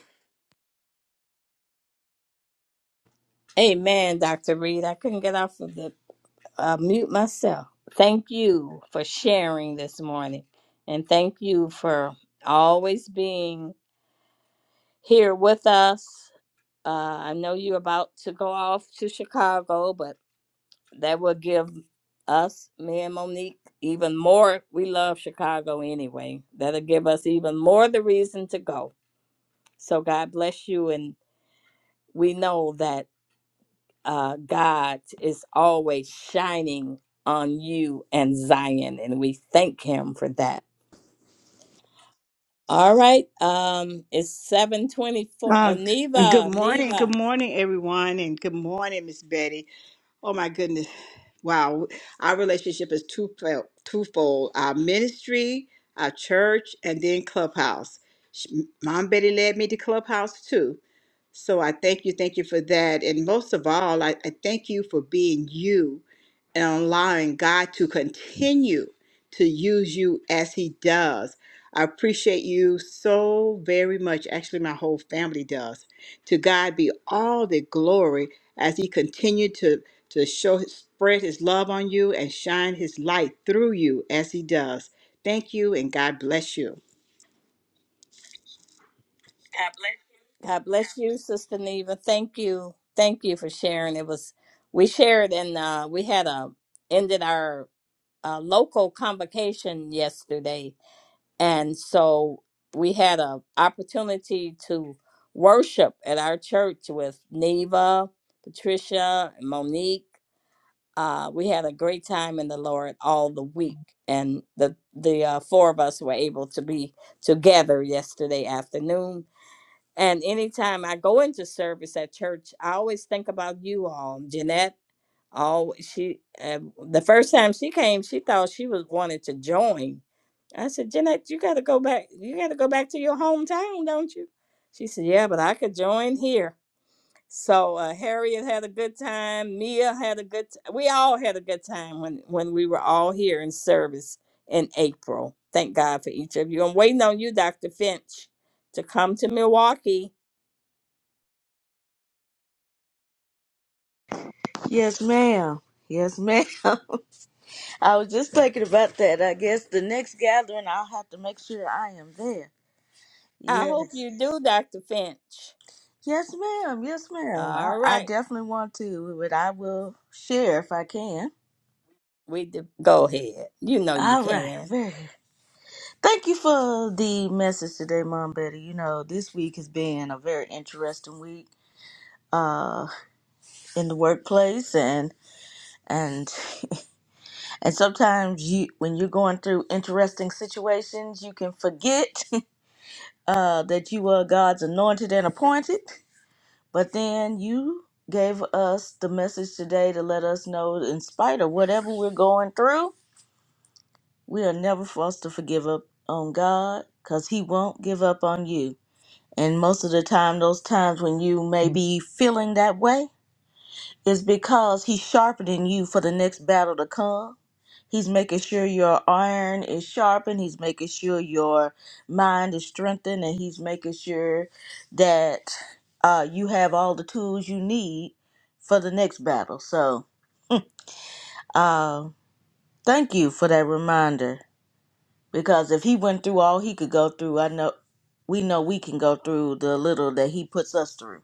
C: Amen, Dr. Reed. I couldn't get off of the uh, mute myself. Thank you for sharing this morning. And thank you for always being here with us. Uh, I know you're about to go off to Chicago, but that will give us, me and Monique, even more. We love Chicago anyway. That'll give us even more the reason to go. So God bless you. And we know that. uh, God is always shining on you and Zion, and we thank Him for that. All right, um, it's seven twenty-four.
G: Uh,
C: Oh,
G: good
C: Neva,
G: morning, good
C: Neva,
G: morning, everyone, and good morning, Miss Betty. Oh my goodness, wow! Our relationship is twofold: twofold our ministry, our church, and then Clubhouse. She, Mom Betty led me to Clubhouse too, so I thank you, thank you for that. And most of all, I, I thank you for being you and allowing God to continue to use you as He does. I appreciate you so very much. Actually, my whole family does. To God be all the glory as He continued to, to show, spread His love on you and shine His light through you as He does. Thank you and God bless you.
C: God bless you, Sister Neva. Thank you, thank you for sharing. It was we shared and uh, we had a ended our uh, local convocation yesterday, and so we had a opportunity to worship at our church with Neva, Patricia, and Monique. Uh, we had a great time in the Lord all the week, and the the uh, four of us were able to be together yesterday afternoon. And anytime I go into service at church, I always think about you all, Jeanette all she um, the first time she came she thought she was wanted to join i said jeanette you got to go back you got to go back to your hometown don't you she said yeah but i could join here so uh, harriet had a good time mia had a good t- we all had a good time when when we were all here in service in april thank god for each of you i'm waiting on you dr finch to come to milwaukee
H: Yes, ma'am. Yes, ma'am. [LAUGHS] I was just thinking about that. I guess the next gathering, I'll have to make sure I am there.
C: i hope
H: Yes.
C: you do dr finch
H: Yes, ma'am. Yes, ma'am. I,
C: all
H: I
C: right
H: definitely want to, but I will share if I can.
C: We do. Go ahead. You know you
H: All right.
C: can.
H: Very good. Thank you for the message today, Mom Betty. You know, this week has been a very interesting week uh in the workplace and and [LAUGHS] and sometimes you when you're going through interesting situations you can forget [LAUGHS] uh, that you are God's anointed and appointed. But then you gave us the message today to let us know, in spite of whatever we're going through, we are never forced to forgive up on God because He won't give up on you. And most of the time, those times when you may be feeling that way, it's because he's sharpening you for the next battle to come. He's making sure your iron is sharpened. He's making sure your mind is strengthened, and he's making sure that uh, you have all the tools you need for the next battle. So, uh, thank you for that reminder. Because if he went through all he could go through, I know we know we can go through the little that he puts us through.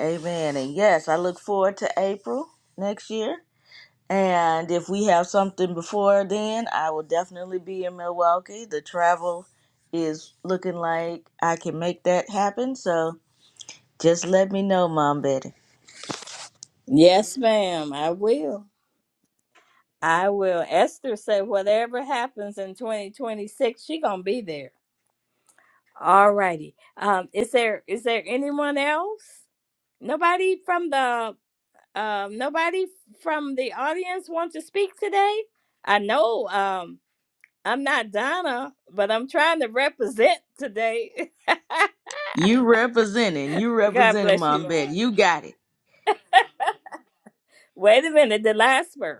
H: Amen. And yes, I look forward to April next year And if we have something before then, I will definitely be in Milwaukee. The travel is looking like I can make that happen. So just let me know, Mom Betty.
C: Yes, ma'am. I will. I will. Esther said, whatever happens in 2026, she gonna be there. All righty. Um, is there is there anyone else? Nobody from the um nobody from the audience wants to speak today. I know. Um, I'm not Donna, but I'm trying to represent today.
H: You representing, you
C: [LAUGHS] God
H: representing
C: bless you
H: Mom
C: all.
H: Betty. You got it.
C: Wait a minute, the last word.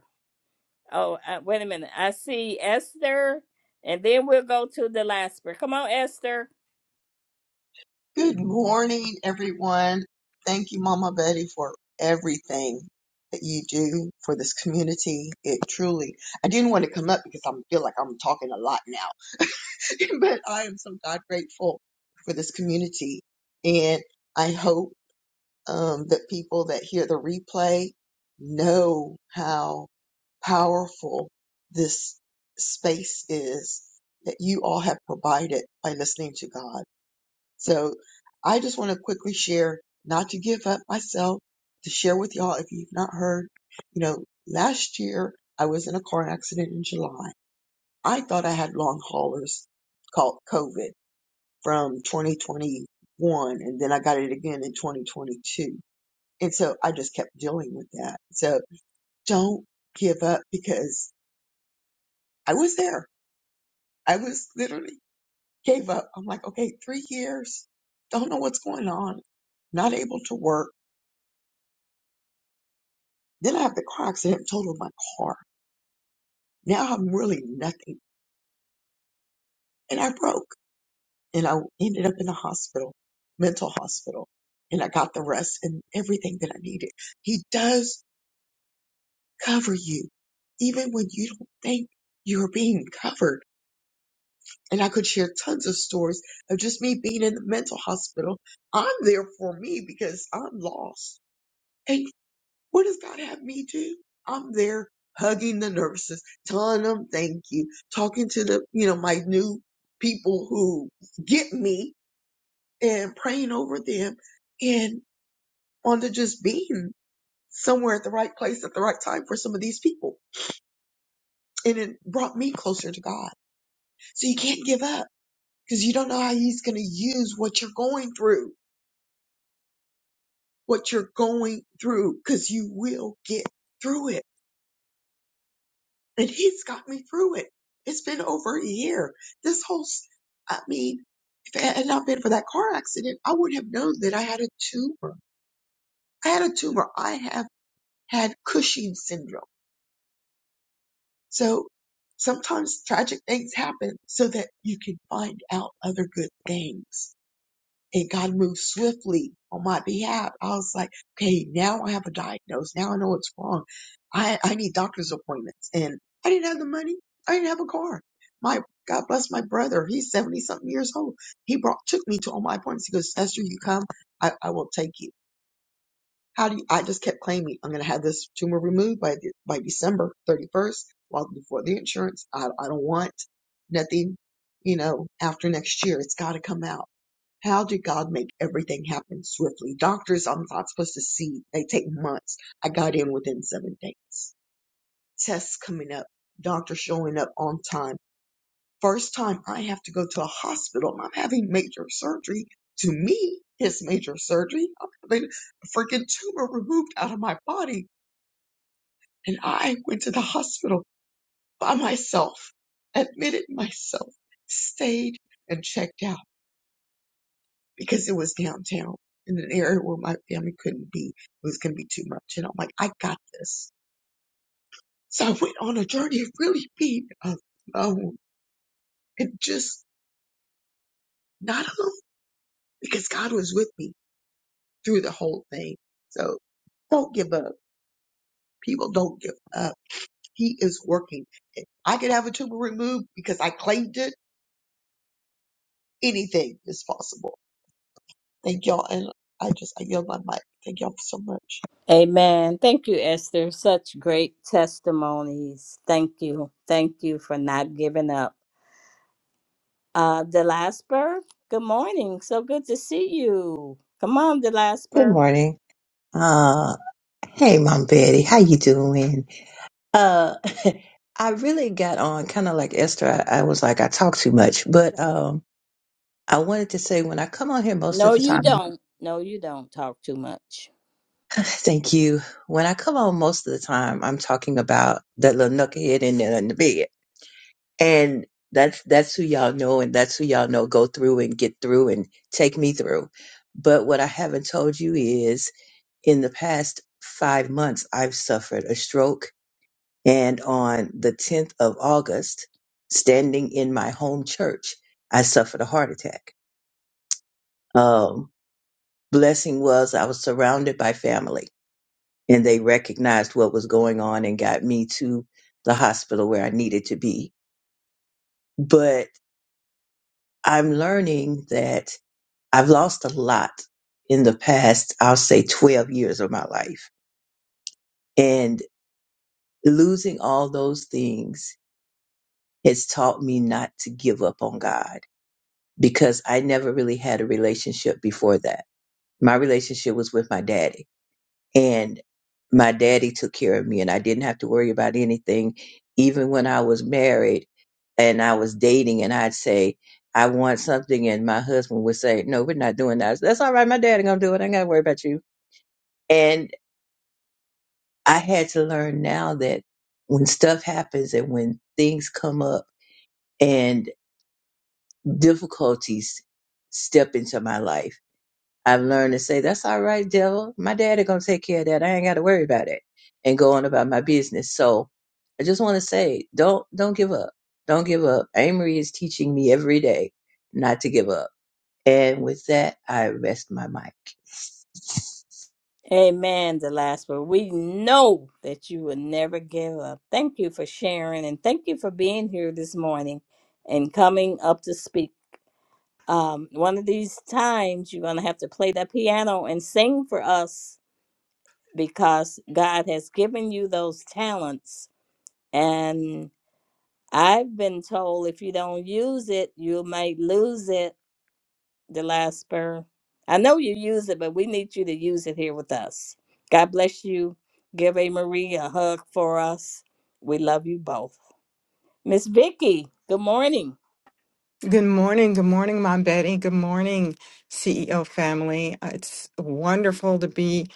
C: Oh, uh, wait a minute. I see Esther, and then we'll go to the last prayer. Come on, Esther.
I: Good morning, everyone. Thank you, Mama Betty, for everything that you do for this community. It truly, I didn't want to come up because I feel like I'm talking a lot now, [LAUGHS] but I am so God grateful for this community. And I hope um, that people that hear the replay know how powerful this space is that you all have provided by listening to God. So I just want to quickly share, not to give up myself, to share with y'all if you've not heard. You know, last year I was in a car accident in July. I thought I had long haulers called COVID from 2021, and then I got it again in 2022. And so I just kept dealing with that. So don't give up because I was there. I was literally gave up. I'm like, okay, three years, don't know what's going on, not able to work Then I have the car accident, totaled my car. Now I'm really nothing. And I broke and I ended up in a hospital, mental hospital, and I got the rest and everything that I needed. He does cover you, even when you don't think you're being covered. And I could share tons of stories of just me being in the mental hospital. I'm there for me because I'm lost. What does God have me do? I'm there hugging the nurses, telling them thank you, talking to the, you know, my new people who get me and praying over them and on to just being somewhere at the right place at the right time for some of these people. And it brought me closer to God. So you can't give up because you don't know how he's going to use what you're going through, what you're going through, because you will get through it and he's got me through it. It's been over a year. This whole, s- I mean, if it had not been for that car accident, I would have known that I had a tumor. I had a tumor. I have had Cushing syndrome. So sometimes tragic things happen so that you can find out other good things. and God moved swiftly on my behalf. I was like, okay, now I have a diagnosis. Now I know what's wrong. I, I need doctor's appointments. And I didn't have the money. I didn't have a car. My God bless my brother. He's 70 something years old. He brought, took me to all my appointments. He goes, Esther, you come. I, I will take you. How do you, I just kept claiming I'm going to have this tumor removed by the, by December 31st, well before the insurance. I, I don't want nothing, you know, after next year. It's got to come out. How did God make everything happen swiftly? Doctors, I'm not supposed to see. They take months. I got in within seven days. Tests coming up. Doctor showing up on time First time I have to go to a hospital. and I'm having major surgery. To me, it's major surgery. I'm having a freaking tumor removed out of my body. And I went to the hospital by myself, admitted myself, stayed and checked out because it was downtown in an area where my family couldn't be. It was going to be too much. And I'm like, I got this. So I went on a journey of really being alone and just not alone because God was with me through the whole thing. So don't give up. People don't give up. He is working. If I could have a tumor removed because I claimed it, anything is possible. Thank y'all. And I just, I yield my mic. Thank y'all so much.
C: Amen. Thank you, Esther. Such great testimonies. Thank you. Thank you for not giving up. Uh, Delasper, good morning. So good to see you. Come on,
J: Good
C: Delasper.
J: morning. Uh, hey, Mom Betty, how you doing? Uh, [LAUGHS] I really got on kind of like Esther. I, I was like, I talk too much, but um, I wanted to say when I come on here most
C: No,
J: of the
C: you
J: time,
C: don't. No, you don't talk too much.
J: [SIGHS] thank you. When I come on most of the time, I'm talking about that little knucklehead in there in the bed, and that's that's who y'all know, and that's who y'all know go through and get through and take me through. But what I haven't told you is, in the past five months, I've suffered a stroke And on the 10th of August, standing in my home church, I suffered a heart attack. Um, blessing was I was surrounded by family and they recognized what was going on and got me to the hospital where I needed to be. But I'm learning that I've lost a lot in the past, I'll say 12 years of my life. And losing all those things has taught me not to give up on God because I never really had a relationship before that. My relationship was with my daddy, and my daddy took care of me, and I didn't have to worry about anything. Even when I was married and I was dating, and I'd say, I want something, and my husband would say, No, we're not doing that. I said, That's all right. My daddy gonna do it. I ain't gotta worry about you. And I had to learn now that when stuff happens and when things come up and difficulties step into my life I've learned to say, that's all right, devil. My daddy gonna take care of that. I ain't gotta worry about it and go on about my business. So I just wanna say, don't don't give up. Don't give up. Amory is teaching me every day not to give up. And with that, I rest my mic.
C: Amen. The last word. We know that you will never give up. Thank you for sharing and thank you for being here this morning and coming up to speak. Um, one of these times, you're going to have to play that piano and sing for us because God has given you those talents. And I've been told if you don't use it, you might lose it. the last spur? I know you use it, but we need you to use it here with us. God bless you. Give A Marie a hug for us. We love you both. Miss Vicky, good morning.
K: Good morning. Good morning, Mom Betty. Good morning, CEO family. Uh, It's wonderful to be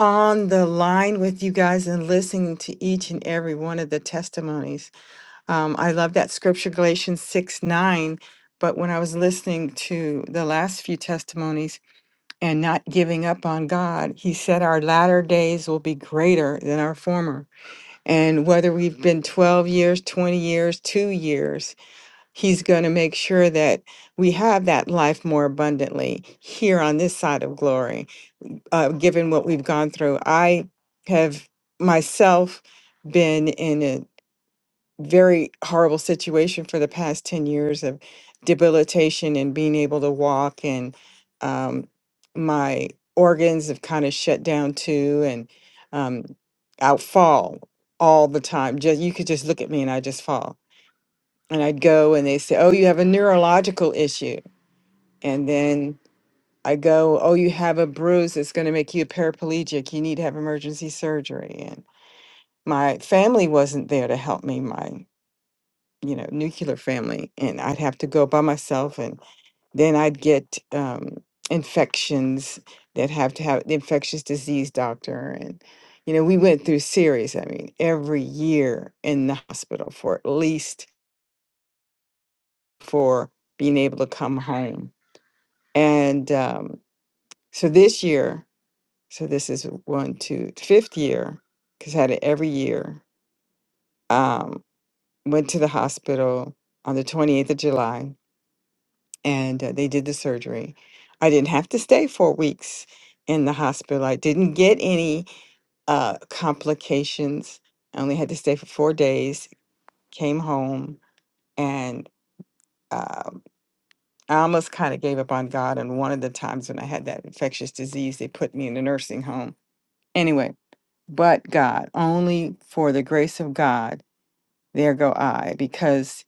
K: on the line with you guys and listening to each and every one of the testimonies. Um, I love that scripture, Galatians 6 9. But when I was listening to the last few testimonies and not giving up on God, He said our latter days will be greater than our former. And whether we've been 12 years, 20 years, two years, He's going to make sure that we have that life more abundantly here on this side of glory, uh, given what we've gone through. I have myself been in a very horrible situation for the past 10 years of debilitation and being able to walk, and um, my organs have kind of shut down too, and um, i fall all the time. Just you could just look at me and I just fall and I'd go and they say, "Oh, you have a neurological issue," and then I go, "Oh, you have a bruise that's going to make you paraplegic. You need to have emergency surgery." And my family wasn't there to help me. My you know nuclear family, and I'd have to go by myself, and then I'd get um, infections that have to have the infectious disease doctor and. You know, we went through series, I mean, every year in the hospital for at least for being able to come home And um, so this year, so this is one, two, fifth year, because I had it every year. Um, went to the hospital on the 28th of July and uh, they did the surgery. I didn't have to stay four weeks in the hospital. I didn't get any uh, complications. I only had to stay for four days, came home, and um I almost kind of gave up on God. And one of the times when I had that infectious disease, they put me in a nursing home. Anyway, but God, only for the grace of God, there go I, because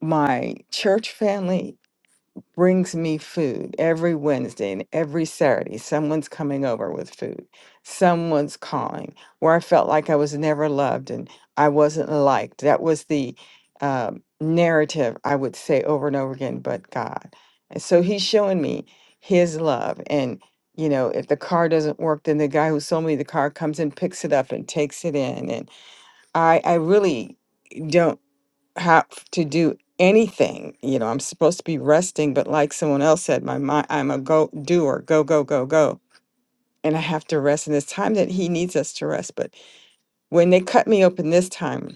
K: my church family brings me food every Wednesday and every Saturday. Someone's coming over with food. Someone's calling where I felt like I was never loved and I wasn't liked. That was the uh, narrative I would say over and over again, but God. And so he's showing me his love. And, you know, if the car doesn't work, then the guy who sold me the car comes and picks it up and takes it in. And I, I really don't have to do anything. You know, I'm supposed to be resting, but like someone else said, my mind, I'm a go doer, go, go, go, go. And I have to rest. And it's time that he needs us to rest. But when they cut me open this time,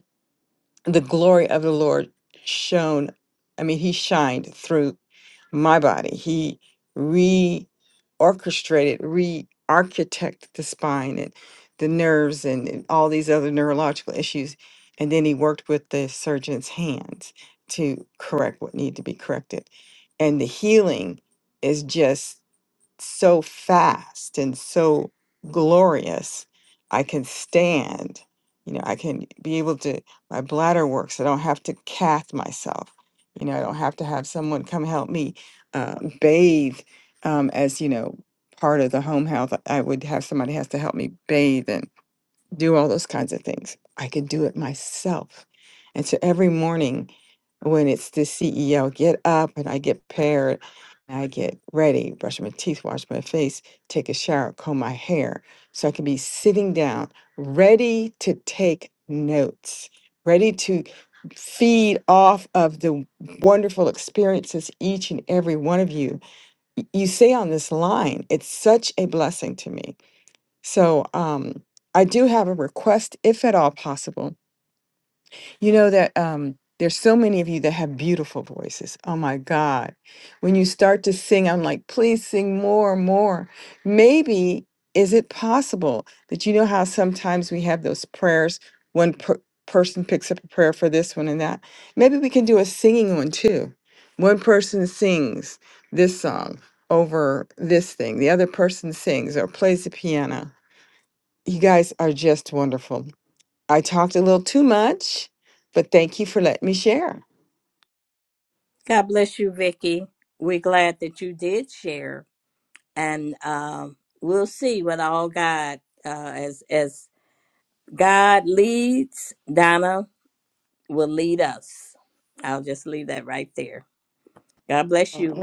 K: the glory of the Lord shone. I mean, he shined through my body. He reorchestrated, re-architected the spine and the nerves and, and all these other neurological issues. And then he worked with the surgeon's hands to correct what needed to be corrected. And the healing is just so fast and so glorious. I can stand, you know, I can be able to, my bladder works. I don't have to cath myself. You know, I don't have to have someone come help me uh, bathe um, as, you know, part of the home health. I would have somebody has to help me bathe do all those kinds of things. I could do it myself. And so every morning when it's the CEO, get up and I get paired, and I get ready, brush my teeth, wash my face, take a shower, comb my hair. So I can be sitting down, ready to take notes, ready to feed off of the wonderful experiences each and every one of you. Y- You say on this line, it's such a blessing to me so um, I do have a request, if at all possible. You know that um, there's so many of you that have beautiful voices. Oh my God. When you start to sing, I'm like, please sing more, more. Maybe is it possible that you know how sometimes we have those prayers, one per- person picks up a prayer for this one and that? Maybe we can do a singing one too. One person sings this song over this thing, the other person sings or plays the piano you guys are just wonderful. I talked a little too much, but thank you for letting me share.
C: God bless you, Vicky. We're glad that you did share, and um, we'll see what all God uh, as as God leads. Donna will lead us. I'll just leave that right there. God bless you.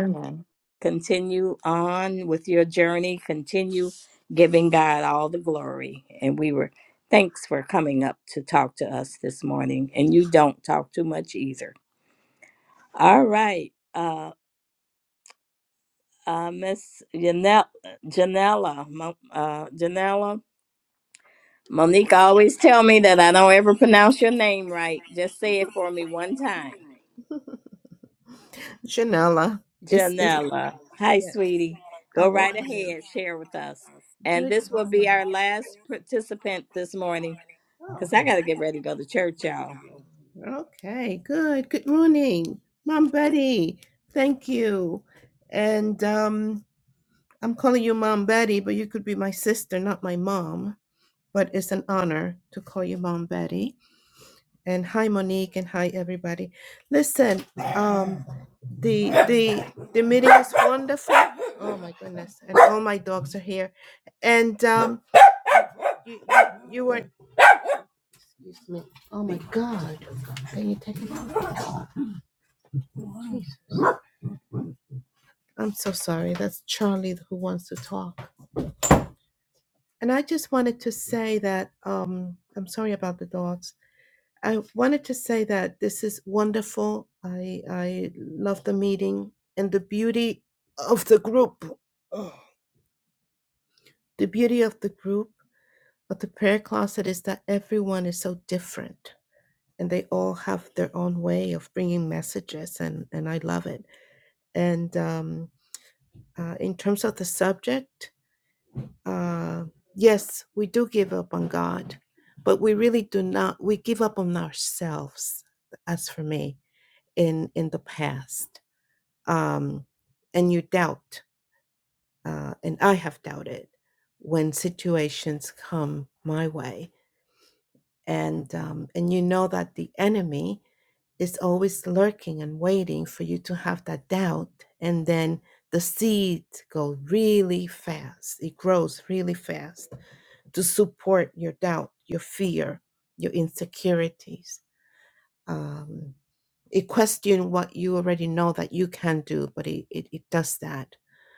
C: Continue on with your journey. Continue giving God all the glory. And we were thanks for coming up to talk to us this morning. And you don't talk too much either. All right. Uh, uh, Miss Janelle, Janella, Mo- uh, Janella, Monique always tell me that I don't ever pronounce your name right. Just say it for me one time.
L: Janella. It's it's
C: Janella. Hi,
L: yes.
C: sweetie. Go
L: How are
C: right
L: you?
C: ahead. Share with us. And
L: Good
C: this will be
L: morning.
C: our last participant this morning because I got to get ready to go to church, y'all.
L: Okay, good. Good morning, Mom Betty. Thank you. And um, I'm calling you Mom Betty, but you could be my sister, not my mom. But it's an honor to call you Mom Betty. And hi, Monique, and hi, everybody. Listen, um, The the the meeting is wonderful. Oh my goodness! And all my dogs are here. And um, you you, you were excuse me. Oh my God! Can you take it? off? I'm so sorry. That's Charlie who wants to talk. And I just wanted to say that um, I'm sorry about the dogs. I wanted to say that this is wonderful. I I love the meeting and the beauty of the group. Oh, the beauty of the group. But the prayer closet is that everyone is so different and they all have their own way of bringing messages, and, and I love it. And um, uh, in terms of the subject, uh, yes, we do give up on God, but we really do not, we give up on ourselves, as for me, in, in the past. Um, and you doubt, uh, and I have doubted when situations come my way and um, and you know that the enemy is always lurking and waiting for you to have that doubt and then the seed goes really fast it grows really fast to support your doubt your fear your insecurities um, it question what you already know that you can do but it, it, it does that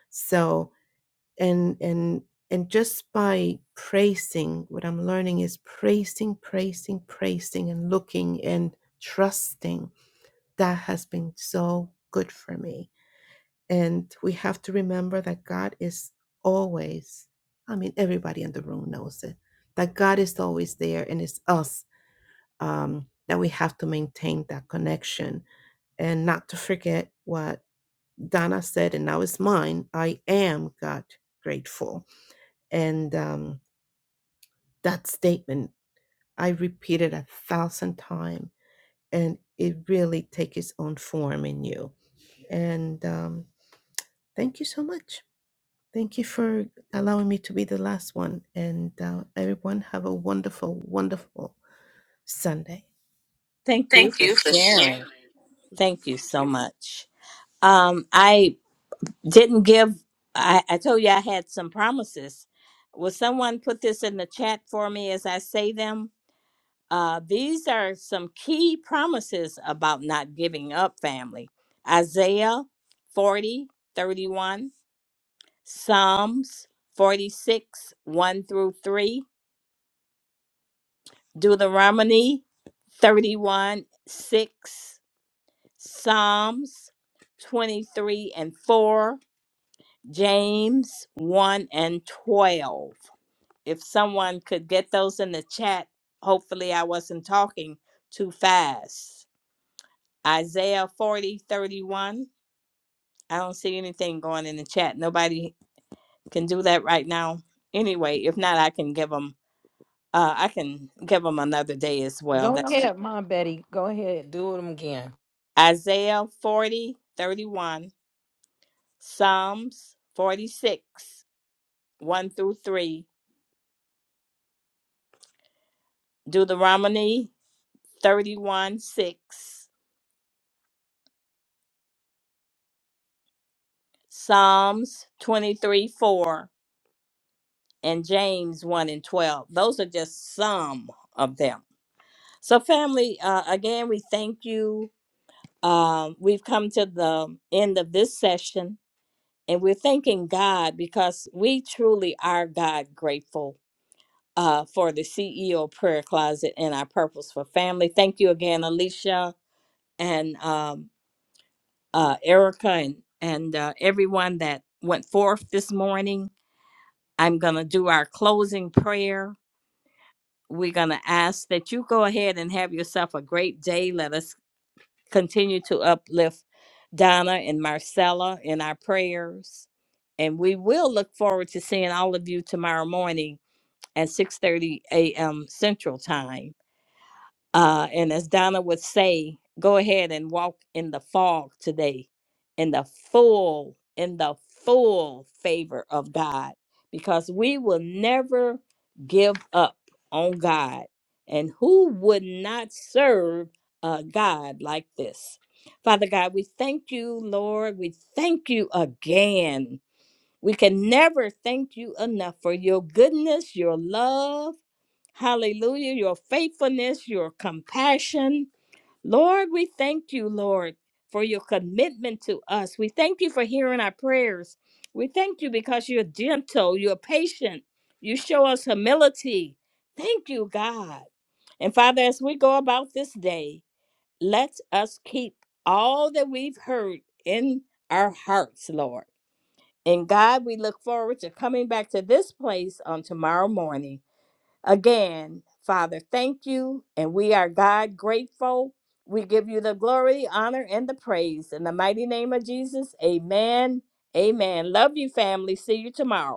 L: so and and and just by praising what i'm learning is praising praising praising and looking and trusting that has been so good for me and we have to remember that god is always i mean everybody in the room knows it that god is always there and it's us um, that we have to maintain that connection and not to forget what donna said and now it's mine i am god grateful and um, That statement, I repeat it a thousand times, and it really takes its own form in you. And um, thank you so much. Thank you for allowing me to be the last one. And uh, everyone, have a wonderful, wonderful Sunday.
C: Thank you for sharing. Thank you so much. Um, I didn't give, I, I told you I had some promises. Will someone put this in the chat for me as I say them? Uh, these are some key promises about not giving up family Isaiah 40 31. Psalms 46, 1 through 3, Deuteronomy 31, 6, Psalms 23 and 4, James 1 and 12. If someone could get those in the chat, hopefully I wasn't talking too fast. Isaiah forty thirty one. I don't see anything going in the chat. Nobody can do that right now. Anyway, if not, I can give them. Uh, I can give them another day as well.
E: Go
C: That's ju-
E: ahead, Mom Betty. Go ahead. Do it again.
C: Isaiah 40 31, Psalms 46, 1 through 3, Deuteronomy 31, 6, Psalms 23, 4, and James 1 and 12. Those are just some of them. So, family, uh, again, we thank you. Um, we've come to the end of this session, and we're thanking God because we truly are God grateful uh, for the CEO Prayer Closet and our Purpose for Family. Thank you again, Alicia and um, uh, Erica and, and uh, everyone that went forth this morning. I'm going to do our closing prayer. We're going to ask that you go ahead and have yourself a great day. Let us continue to uplift Donna and Marcella in our prayers. And we will look forward to seeing all of you tomorrow morning at 6:30 a.m. Central Time. Uh, and as Donna would say, go ahead and walk in the fog today, in the full, in the full favor of God, because we will never give up on God. And who would not serve a God like this? Father God, we thank you, Lord. We thank you again we can never thank you enough for your goodness, your love, hallelujah, your faithfulness, your compassion. Lord, we thank you, Lord, for your commitment to us. We thank you for hearing our prayers. We thank you because you're gentle, you're patient, you show us humility. Thank you, God. And Father, as we go about this day, let us keep all that we've heard in our hearts, Lord. In God, we look forward to coming back to this place on tomorrow morning. Again, Father, thank you. And we are God grateful. We give you the glory, honor, and the praise. In the mighty name of Jesus, amen. Amen. Love you, family. See you tomorrow.